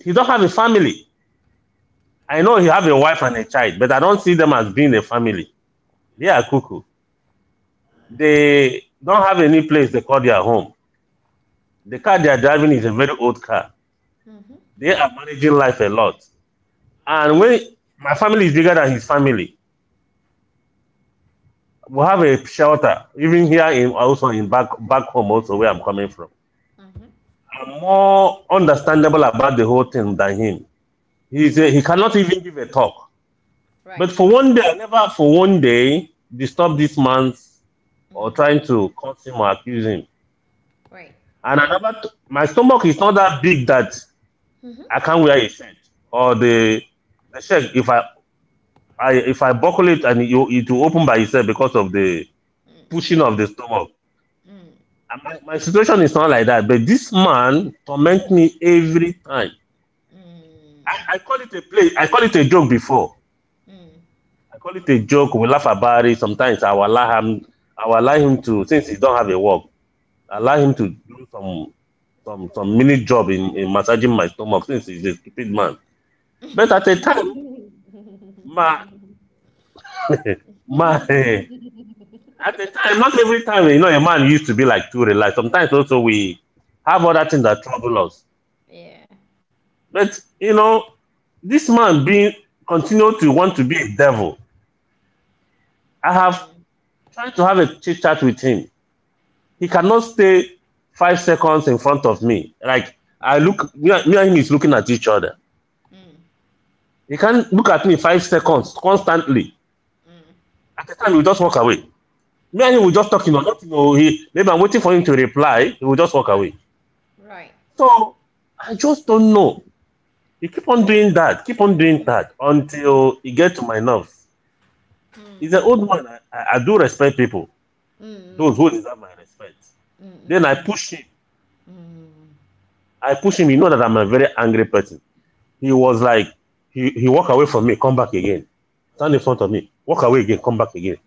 S2: he don't have a family. I know he have a wife and a child, but I don't see them as being a family. They are cuckoo. They don't have any place they call their home. The car they are driving is a very old car.
S1: Mm,
S2: They are managing life a lot. And when my family is bigger than his family, we have a shelter even here in also in back home also where I'm coming from.
S1: mhm.
S2: I'm more understandable about the whole thing than him.
S1: Right.
S2: He cannot even give a talk.
S1: Right.
S2: But for one day, I never for one day disturbed this man or
S1: Mm,
S2: trying to curse him or accuse him.
S1: right.
S2: And I never, my stomach is not that big that
S1: Mhm.
S2: I can't wear a shirt or the shirt. If I, if I buckle it and you, it will open by itself because of the
S1: Mm, mm,
S2: pushing of the stomach.
S1: mm,
S2: And my situation is not like that. But this man torment me every time.
S1: mm,
S2: I call it a play. I call it a joke before.
S1: mm,
S2: I call it a joke. We laugh about it. Sometimes I will allow him, I will allow him to, since he don't have a work, allow him to do some some mini job in massaging my stomach since he's a stupid man. But at
S1: mm,
S2: a time,
S1: mm,
S2: my my
S1: mm.
S2: at a time, not every time, you know, a man used to be like too relaxed. Sometimes also we have other things that trouble us.
S1: Yeah.
S2: But you know, this man being continue to want to be a devil. I have
S1: Mm,
S2: tried to have a chit chat with him. He cannot stay 5 seconds in front of me. Like I look, me and, him is looking at each other.
S1: mm,
S2: He can't look at me 5 seconds constantly.
S1: mm.
S2: At the time, we just walk away. Me and him will
S1: Right.
S2: just talk, you know, nothing. You know, maybe I'm waiting for him to reply. He will just walk away.
S1: Right. Right.
S2: So I just don't know. He keep on doing that, keep on doing
S1: Mm,
S2: that
S1: mm,
S2: until he get to my nerves. He's an
S1: mm.
S2: old man. I do respect people,
S1: Mm, mm,
S2: those who
S1: mm.
S2: deserve my respect.
S1: Mm,
S2: Then
S1: mm,
S2: I
S1: mm.
S2: push him. I push him. You know that I'm a very angry person. He was like, he walked away from me, come back again. Stand in front of me, walk away again, come back again.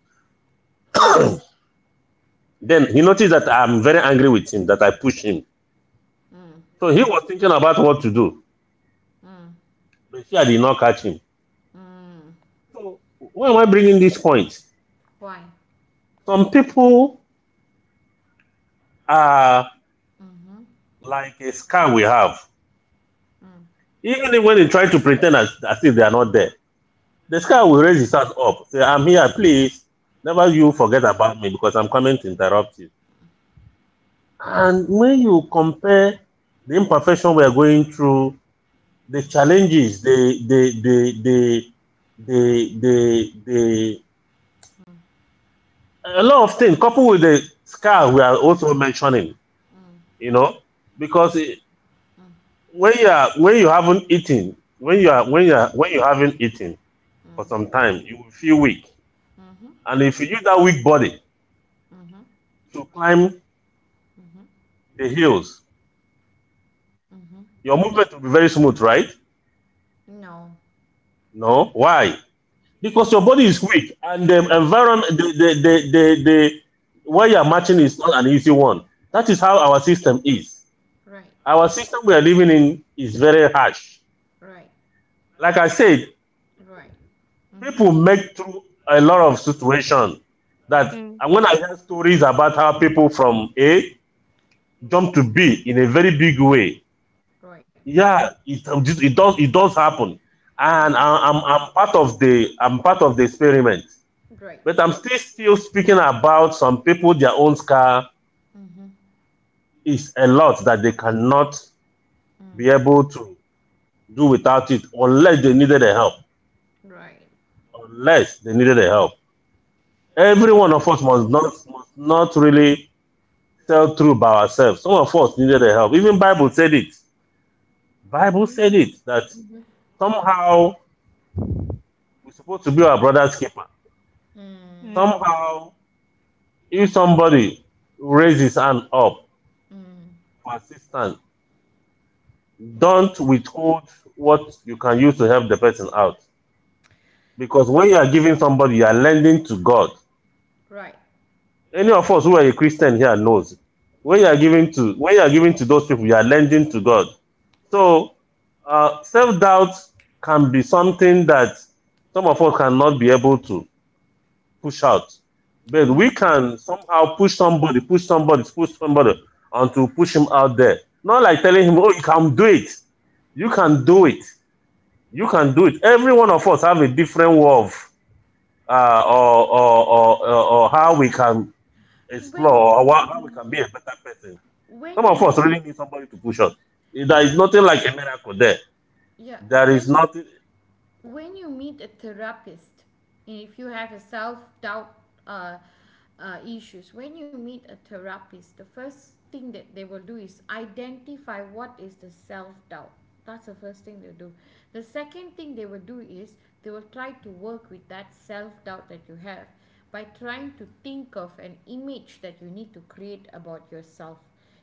S2: Then he noticed that I'm very angry with him, that I pushed him.
S1: Mm,
S2: So he was thinking about what to do.
S1: mm, mm,
S2: But she did not catch him.
S1: mm.
S2: So why am I bringing this point?
S1: Why?
S2: Some people are
S1: Mhm.
S2: like a scar we have.
S1: Mm,
S2: Even when they try to pretend as if they are not there, the scar
S1: mm,
S2: will raise his hand up, say, I'm here, please. Never you forget about me because I'm coming to interrupt you. And when you compare the imperfection we are going through, the challenges, the
S1: mm, mm,
S2: a lot of things, coupled with the scar we are also mentioning, you know, because
S1: mm, mm,
S2: when you are when you haven't eaten, when you are when you are when you haven't eaten for some
S1: mm.
S2: time, you will feel weak,
S1: Mhm,
S2: and if you use that weak body
S1: mhm,
S2: to climb
S1: mhm,
S2: the hills,
S1: mhm.
S2: your movement will be very smooth, right?
S1: No,
S2: No, why?
S1: because
S2: Because
S1: you
S2: your
S1: have,
S2: body is weak and the
S1: yeah,
S2: environment the where you're matching is not an easy one. That is how our system is.
S1: right,
S2: Our system we are living in is very harsh,
S1: right,
S2: like I said.
S1: right, mhm,
S2: People make through a lot of situation that.
S1: right,
S3: Mm.
S2: And when I hear stories about how people from A jump to B in a very big way,
S1: right,
S2: yeah, it does happen. And
S1: mhm,
S2: I'm part of the experiment.
S1: right,
S2: But I'm still speaking about some people their own scar
S1: mhm,
S2: is a lot that they cannot be
S1: mm,
S2: able to do without it unless they needed a help.
S1: right,
S2: Unless they needed a help. Every one of us must not really sell through by ourselves. Some of us needed a help. Even Bible said it. Bible said
S1: mhm,
S2: it that
S1: mhm,
S2: somehow we're supposed to be our brother's keeper.
S1: mm,
S3: Mhm.
S2: Somehow if somebody raises his hand up
S1: mm,
S2: for assistance, don't withhold what you can use to help the person out. Because when you are giving somebody, you are lending to God.
S1: right,
S2: Any of us who are a Christian here knows. When you are giving to when you are giving to those people, you are lending to God.
S1: right.
S2: So self-doubt can be something that some of us cannot be able to push out. But we
S3: Mhm.
S2: can somehow push somebody until push him out there. Not like telling him, oh, you can do it. You can do it. You can do it. Every one of us have a different way of or how we can
S1: When
S2: explore or how
S3: Cool.
S2: we can be a better person. Some
S1: when
S2: of
S1: you
S2: us really need somebody to push us. There is
S1: when
S2: nothing like a miracle there.
S1: yeah
S2: There is
S1: when
S2: nothing.
S1: when you meet a therapist, and if you have a self-doubt uh, issues, when you meet a therapist, the first thing that they will do is identify what is the self-doubt. That's the first thing they'll do. The second thing they will do is they will try to work with that self-doubt that you have, by trying to think of an image that you need to create about yourself.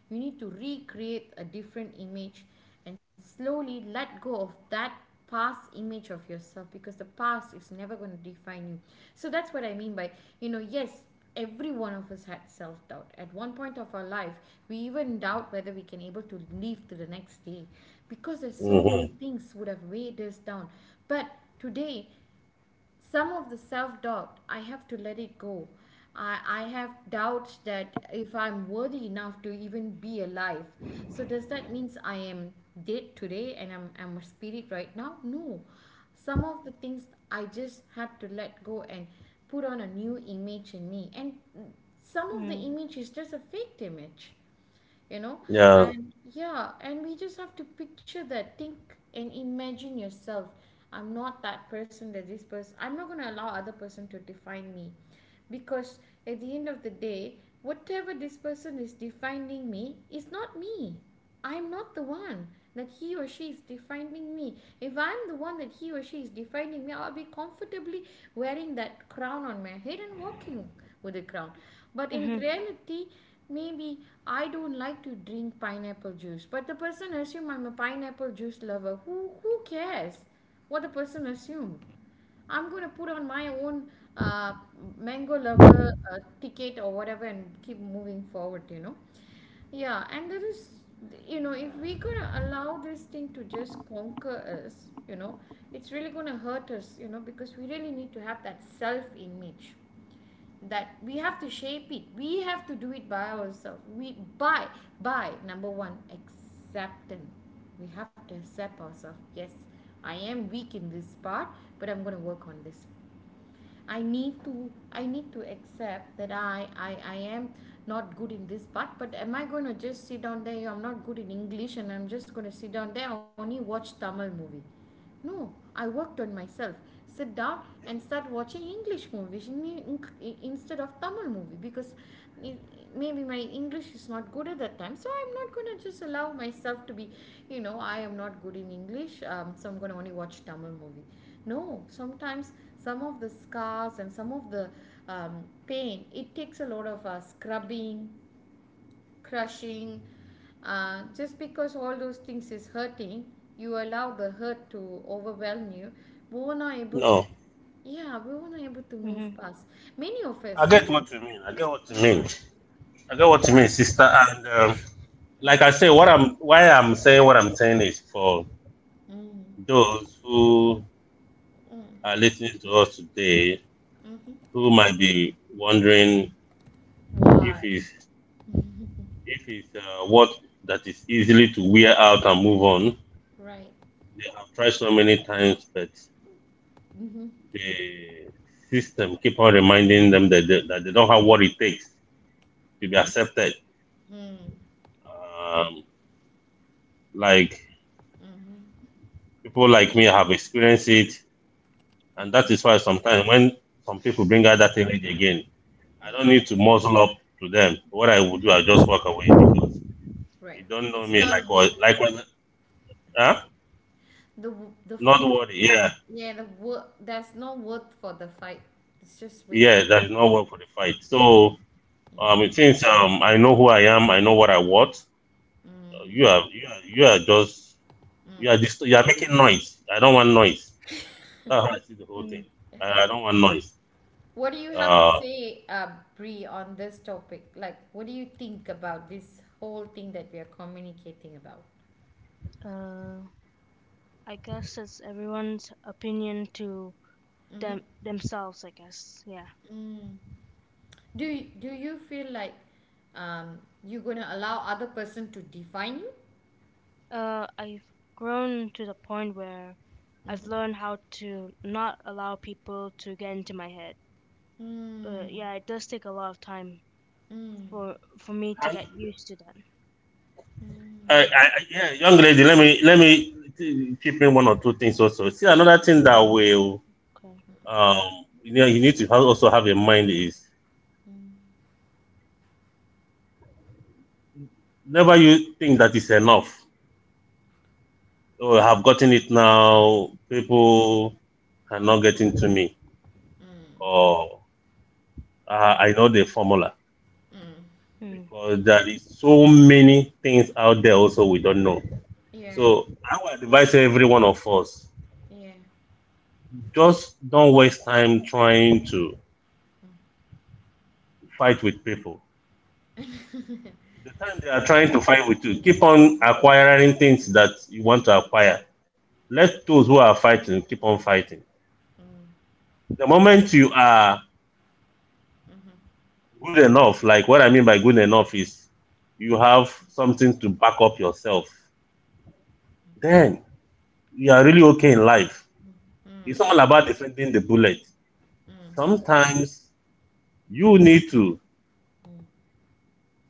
S1: You need to recreate a different image and slowly let go of that past image of yourself, because the past is never going to define you. So that's what I mean by. Yes, every one of us had self-doubt at one point of our life. We even doubt whether we can able to live to the next day, because there's so many
S2: Hmm.
S1: things would have weighed us down. But today, some of the self doubt, I have to let it go. I have doubts that if I'm worthy enough to even be alive. So, does that means I am dead today and I'm a spirit right now? No. Some of the things I just had to let go and put on a new image in me. And some of the
S3: Mm.
S1: image is just a fake image. you know
S2: Yeah.
S1: and yeah, and we just have to picture that, think and imagine yourself. I'm not that person, that this person, I'm not going to allow other person to define me, because at the end of the day, whatever this person is defining me is not me. I'm not the one that he or she is defining me. If I'm the one that he or she is defining me, I'll be comfortably wearing that crown on my head and walking with a crown. But in
S3: Mhm.
S1: reality, maybe I don't like to drink pineapple juice, but the person assume I'm a pineapple juice lover. Who cares what the person assumed? I'm going to put on my own uh, mango lover ticket or whatever and keep moving forward. Yeah, and there is, if we're going to allow this thing to just conquer us, it's really going to hurt us, because we really need to have that self image that we have to shape it. We have to do it by ourselves, we, by number one acceptance, we have to accept ourselves. Yes, I am weak in this part, but I'm going to work on this. I need to accept that I am not good in this part. But am I going to just sit down there? I'm not good in English, and I'm just going to sit down there. I only watch Tamil movie. No, I worked on myself. Sit down and start watching English movies instead of Tamil movie, because maybe my English is not good at that time. So I'm not going to just allow myself to be, I am not good in English, so I'm going to only watch Tamil movie. No, sometimes some of the scars and some of the pain, it takes a lot of scrubbing, crushing, just because all those things is hurting. You allow the hurt to overwhelm you. We were not able to
S2: No.
S1: Yeah, we were not able to move
S3: Mhm.
S1: past. many of us
S2: I get
S1: many of,
S2: what you mean. I get what you
S1: Yeah,
S2: mean. I get what you
S1: yeah,
S2: mean, sister. And like I say, what I'm why I'm saying what I'm saying is for
S1: mm,
S2: those who
S1: mm,
S2: are listening to us today
S1: mm-hmm.
S2: who might be wondering if
S1: Why?
S2: it's. If it's what that is easily to wear out and move on,
S1: Right.
S2: they have tried so many times, but
S1: Mm-hmm.
S2: the system keep on reminding them that that they don't have what it takes to be accepted.
S1: Mm,
S2: Um, like
S1: mm-hmm.
S2: people like me have experienced it, and that
S1: Mm-hmm.
S2: is why sometimes when some people bring out that energy again, I don't need to muzzle up to them. What I would do, I just walk away because
S1: Right.
S2: you don't know
S1: It's
S2: me. Like
S1: not worth
S2: what? Like what? Huh?
S1: the w- the f-
S2: Not
S1: the
S2: worry. Yeah,
S1: yeah, the work. There's no worth for the fight, it's just
S2: yeah.
S1: wasting your
S2: That is
S1: time.
S2: not work for the fight. So it means I know who I am. I know what I want.
S1: Mm,
S2: You are just,
S1: mm.
S2: you are making noise. I don't want noise. That's how I see the whole
S3: Mhm.
S2: thing. I don't want noise.
S1: What do you have to
S2: Uh,
S1: say, Brie, on this topic? Like, what do you think about this whole thing that we are communicating about?
S3: Uh, I guess it's everyone's opinion to them themselves. I guess. Yeah.
S1: Do you feel like you're gonna allow other person to define you?
S3: I've grown to the point where I've learned how to not allow people to get into my head.
S1: Mm,
S3: But yeah, it does take a lot of time for me to get used to that.
S2: yeah, young lady, chip in one or two things also. See, another thing that
S3: No.
S2: will,
S3: Okay.
S2: um, you know, you need to also have in mind is never you think that is enough. Oh, I have gotten it now. People cannot get into me,
S1: mm,
S2: or I know the formula
S1: mm.
S3: Mm,
S2: because there is so many things out there also we don't know.
S1: Yeah,
S2: So I would advise every one of us
S1: yeah.
S2: just don't waste time trying to fight with people. The time they are trying to fight with you, keep on acquiring things that you want to acquire. Let those who are fighting keep on fighting. The moment you are good enough, like what I mean by good enough is you have something to back up yourself, then you are really okay in life. It's
S1: Mm,
S2: all about defending the bullet. Sometimes you need to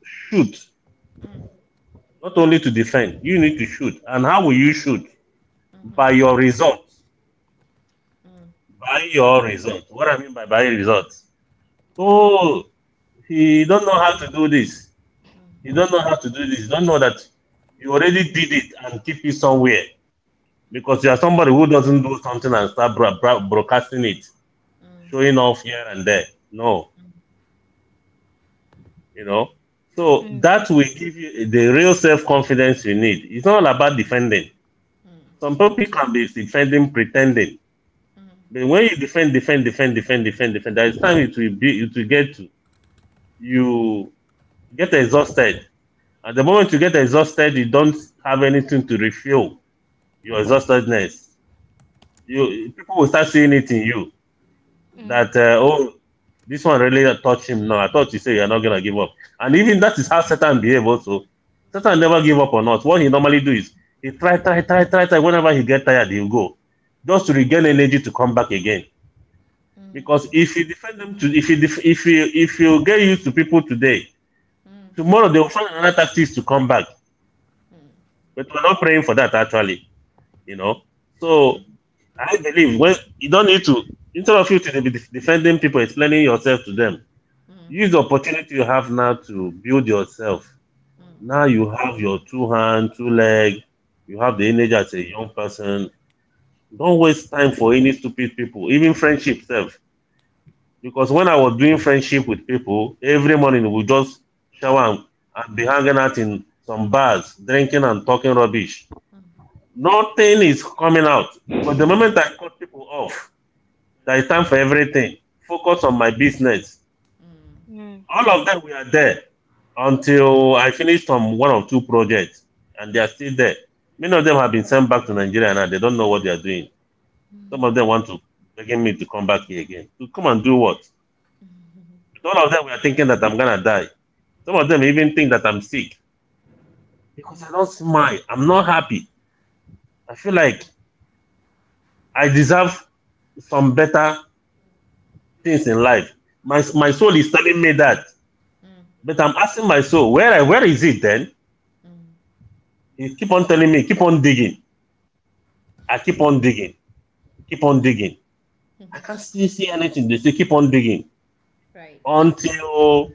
S2: shoot, not only to defend, you need to shoot. And how will you shoot? By your results. By your
S3: mm,
S2: result. What I mean by results? Oh, he don't know how to do this. He don't know how to do this. Don't know that you already did it and keep it somewhere because you are somebody who doesn't do something and start broadcasting it, showing off here and there. No, you know. So
S3: mm,
S2: that will give you the real self confidence you need. It's not all about defending. Some people can be defending, pretending. But when you defend, there is time it will get to you. Get exhausted. At the moment you get exhausted, you don't have anything to refuel your exhaustedness. You people will start seeing it in you.
S3: mm,
S2: That oh, this one really touched him now. I thought you said you're not gonna give up. And even that is how Satan behave also. Satan never give up on us. What he normally do is he try, try, try, try, try. Whenever he get tired, he'll go. Just to regain energy to come back again.
S1: mm,
S2: Because if you defend them to if you if you get used to people today,
S1: mm,
S2: tomorrow they'll find another tactics to come back. But we're not praying for that actually, you know. So I believe when you don't need to instead of you to be defending people, explaining yourself to them
S1: mm,
S2: use the opportunity you have now to build yourself. Now you have your two hand, two leg. You have the energy as a young person. Don't waste time for any stupid people, even friendship self. Because when I was doing friendship with people, every morning we just shower and be hanging out in some bars, drinking and talking rubbish. Nothing is coming out. But the moment I cut people off, there is time for everything. Focus on my business.
S3: mm,
S2: All of them were there until I finished on one or two projects, and they are still there. Many of them have been sent back to Nigeria now. They don't know what they are doing. Some of them want to begging me to come back here again. To come and do what? But all of them were thinking that I'm gonna die. Some of them even think that I'm sick because I don't smile. I'm not happy. I feel like I deserve some better things in life. My soul is telling me that, but I'm asking my soul, where is it then?
S1: mm.
S2: He keep on telling me, keep on digging. I keep on digging. Keep on digging. I can't see anything. They say, keep on digging
S1: Right,
S2: until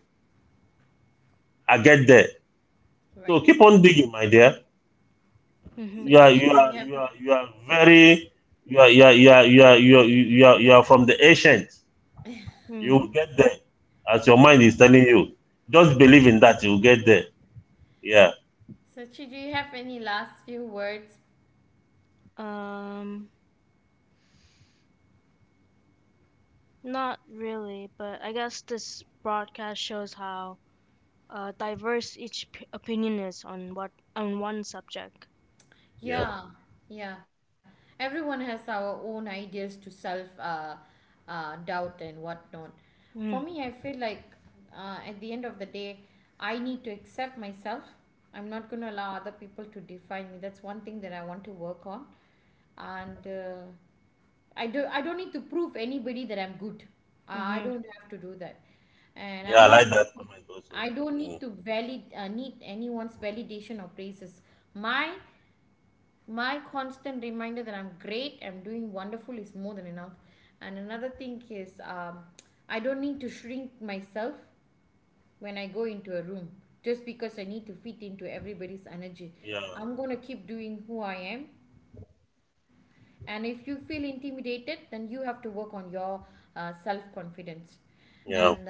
S2: I get there. So
S1: right.
S2: keep on digging, my dear.
S3: mhm,
S2: You are,
S1: Sachi,
S2: you
S1: do you
S2: are,
S1: have
S2: you are, you are very, you are, you are, you are, you are, you are, you are, you are from the ancient. You will
S3: mm.
S2: get there, as your mind is telling you. Just believe in that. You will get there. Yeah,
S1: Sachi, do you have any last few words?
S3: Um, not really, but I guess this broadcast shows how diverse each p opinion is on what on one subject.
S2: yeah,
S1: Yeah, yeah. Everyone has our own ideas to self doubt and whatnot. For
S3: Mm,
S1: me, I feel like at the end of the day, I need to accept myself. I'm not going to allow other people to define me. That's one thing that I want to work on. And I do. I don't need to prove anybody that I'm good. I
S3: mhm,
S1: don't have to do that, and
S2: yeah,
S1: I'm
S2: I
S1: not
S2: like that
S1: looking.
S2: comment also.
S1: I don't need
S2: Mm,
S1: to valid need anyone's validation or praises. My my constant reminder that I'm great, I'm doing wonderful is more than enough. And another thing is, I don't need to shrink myself when I go into a room just because I need to fit into everybody's energy.
S2: yeah,
S1: I'm going to keep doing who I am, and if you feel intimidated, then you have to work on your self confidence and
S2: yeah.
S3: mhm,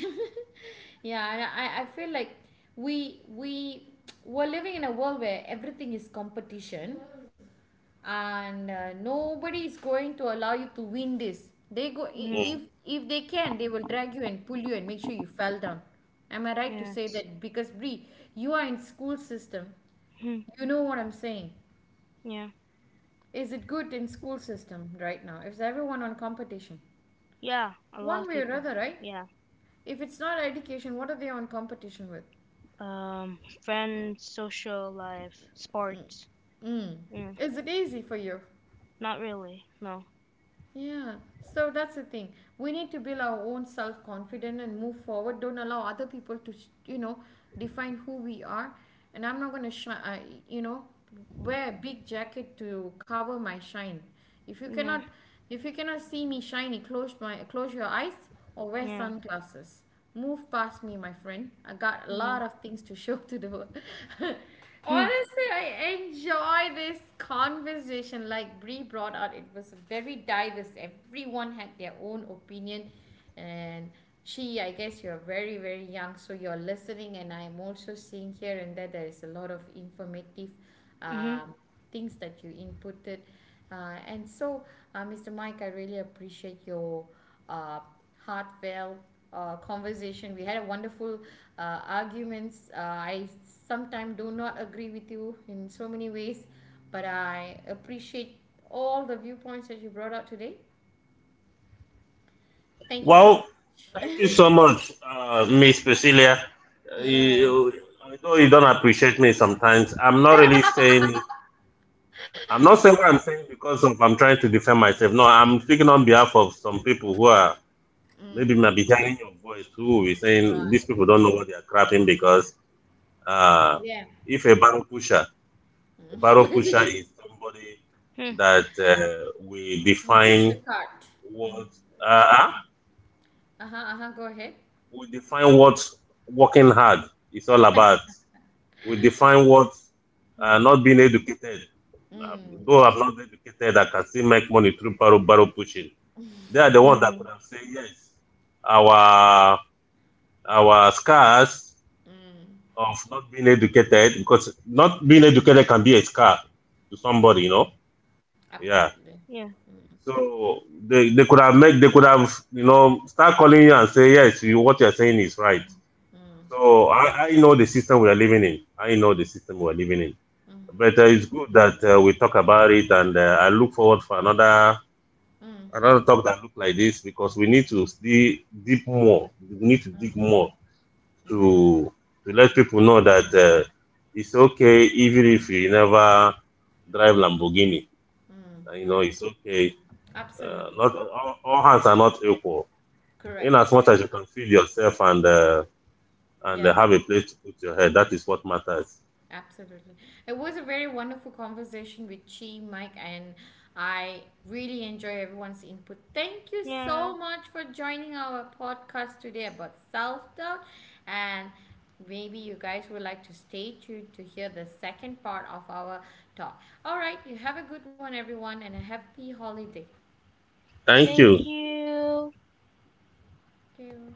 S1: yeah, and I feel like we we we're living in a world where everything is competition. And nobody is going to allow you to win this. They go, i-
S3: mhm,
S1: if
S2: Mm.
S1: if they can, they will drag you and pull you and make sure you fell down. Am I right to say
S3: yes.
S1: that? Because Bree, you are in school system,
S3: Mhm,
S1: you know what I'm saying?
S3: yeah.
S1: Is it good in school system right now? Is everyone on competition?
S3: Yeah, a lot of
S1: One way or
S3: people.
S1: other, right?
S3: Yeah.
S1: If it's not education, what are they on competition with?
S3: Friends, social life, sports.
S1: Mm.
S3: Yeah,
S1: Is it easy for you?
S3: not really. No.
S1: Yeah, so that's the thing. We need to build our own self confidence and move forward. Don't allow other people to, define who we are. And I'm not going to shine, I, you know, wear a big jacket to cover my shine. If you
S3: Yeah,
S1: cannot, if you cannot see me shiny, close your eyes or wear
S3: yeah,
S1: sunglasses. Move past me, my friend. I got a
S3: yeah.
S1: lot of things to show to the world.
S3: Hmm,
S1: Honestly, I enjoy this conversation. Like Brie brought out, it was very diverse. Everyone had their own opinion. And she, I guess you're very, very young, so you're listening. And I'm also seeing here and there is a lot of informative
S3: mhm,
S1: um, things that you inputted. And so, Mr. Mike, I really appreciate your uh, heartfelt conversation. We had a wonderful arguments. I sometimes do not agree with you in so many ways, but I appreciate all the viewpoints that you brought out today. Thank you so much.
S2: Well, thank you so much, Miss Priscilla.
S1: Yeah,
S2: You, although you don't appreciate me sometimes, I'm not really saying it. I'm not saying what I'm saying because of I'm trying to defend myself. No, I'm speaking on behalf of some people who are maybe might be hearing your voice who will be saying these
S1: right.
S2: people don't know what they are crapping because uh,
S1: Yeah.
S2: if a barrel pusher, a barrel pusher is somebody
S3: hmm,
S2: that we
S1: Push the
S2: define
S1: cart.
S2: what. Huh?
S1: Uh-huh, uh-huh. Go ahead.
S2: We define what working hard is all about. We define what not being educated. Uh,
S1: Mm,
S2: though I'm not educated, I can still make money through barrel pushing. They are the ones that
S3: mm.
S2: could have said yes. Our our scars
S1: mm,
S2: of not being educated because not being educated can be a scar to somebody,
S1: mm.
S2: you know. Yeah.
S1: Absolutely.
S3: Yeah.
S2: So they could have made they could have you know start calling you and say yes, you what you're saying is right.
S1: Mm,
S2: So I know the system we are living in. I know the system we are living in. But it's good that we talk about it, and I look forward for another
S1: mm,
S2: another talk that look like this because we need to dig deep more. We need to dig more to to let people know that it's okay even if you never drive Lamborghini.
S1: mm.
S2: You know, it's okay.
S1: Absolutely.
S2: Not all, all hands are not equal. In
S1: Correct.
S2: as much as
S1: Correct.
S2: you can feed yourself and
S1: Yeah.
S2: have a place to put your head, that is what matters.
S1: Absolutely. It was a very wonderful conversation with Chi, Mike, and I really enjoy everyone's input. Thank you
S3: Yeah.
S1: so much for joining our podcast today about self doubt. And maybe you guys would like to stay tuned to hear the second part of our talk. All right, you have a good one, everyone, and a happy holiday.
S2: Thank
S3: Thank
S2: you.
S3: you.
S1: Thank you.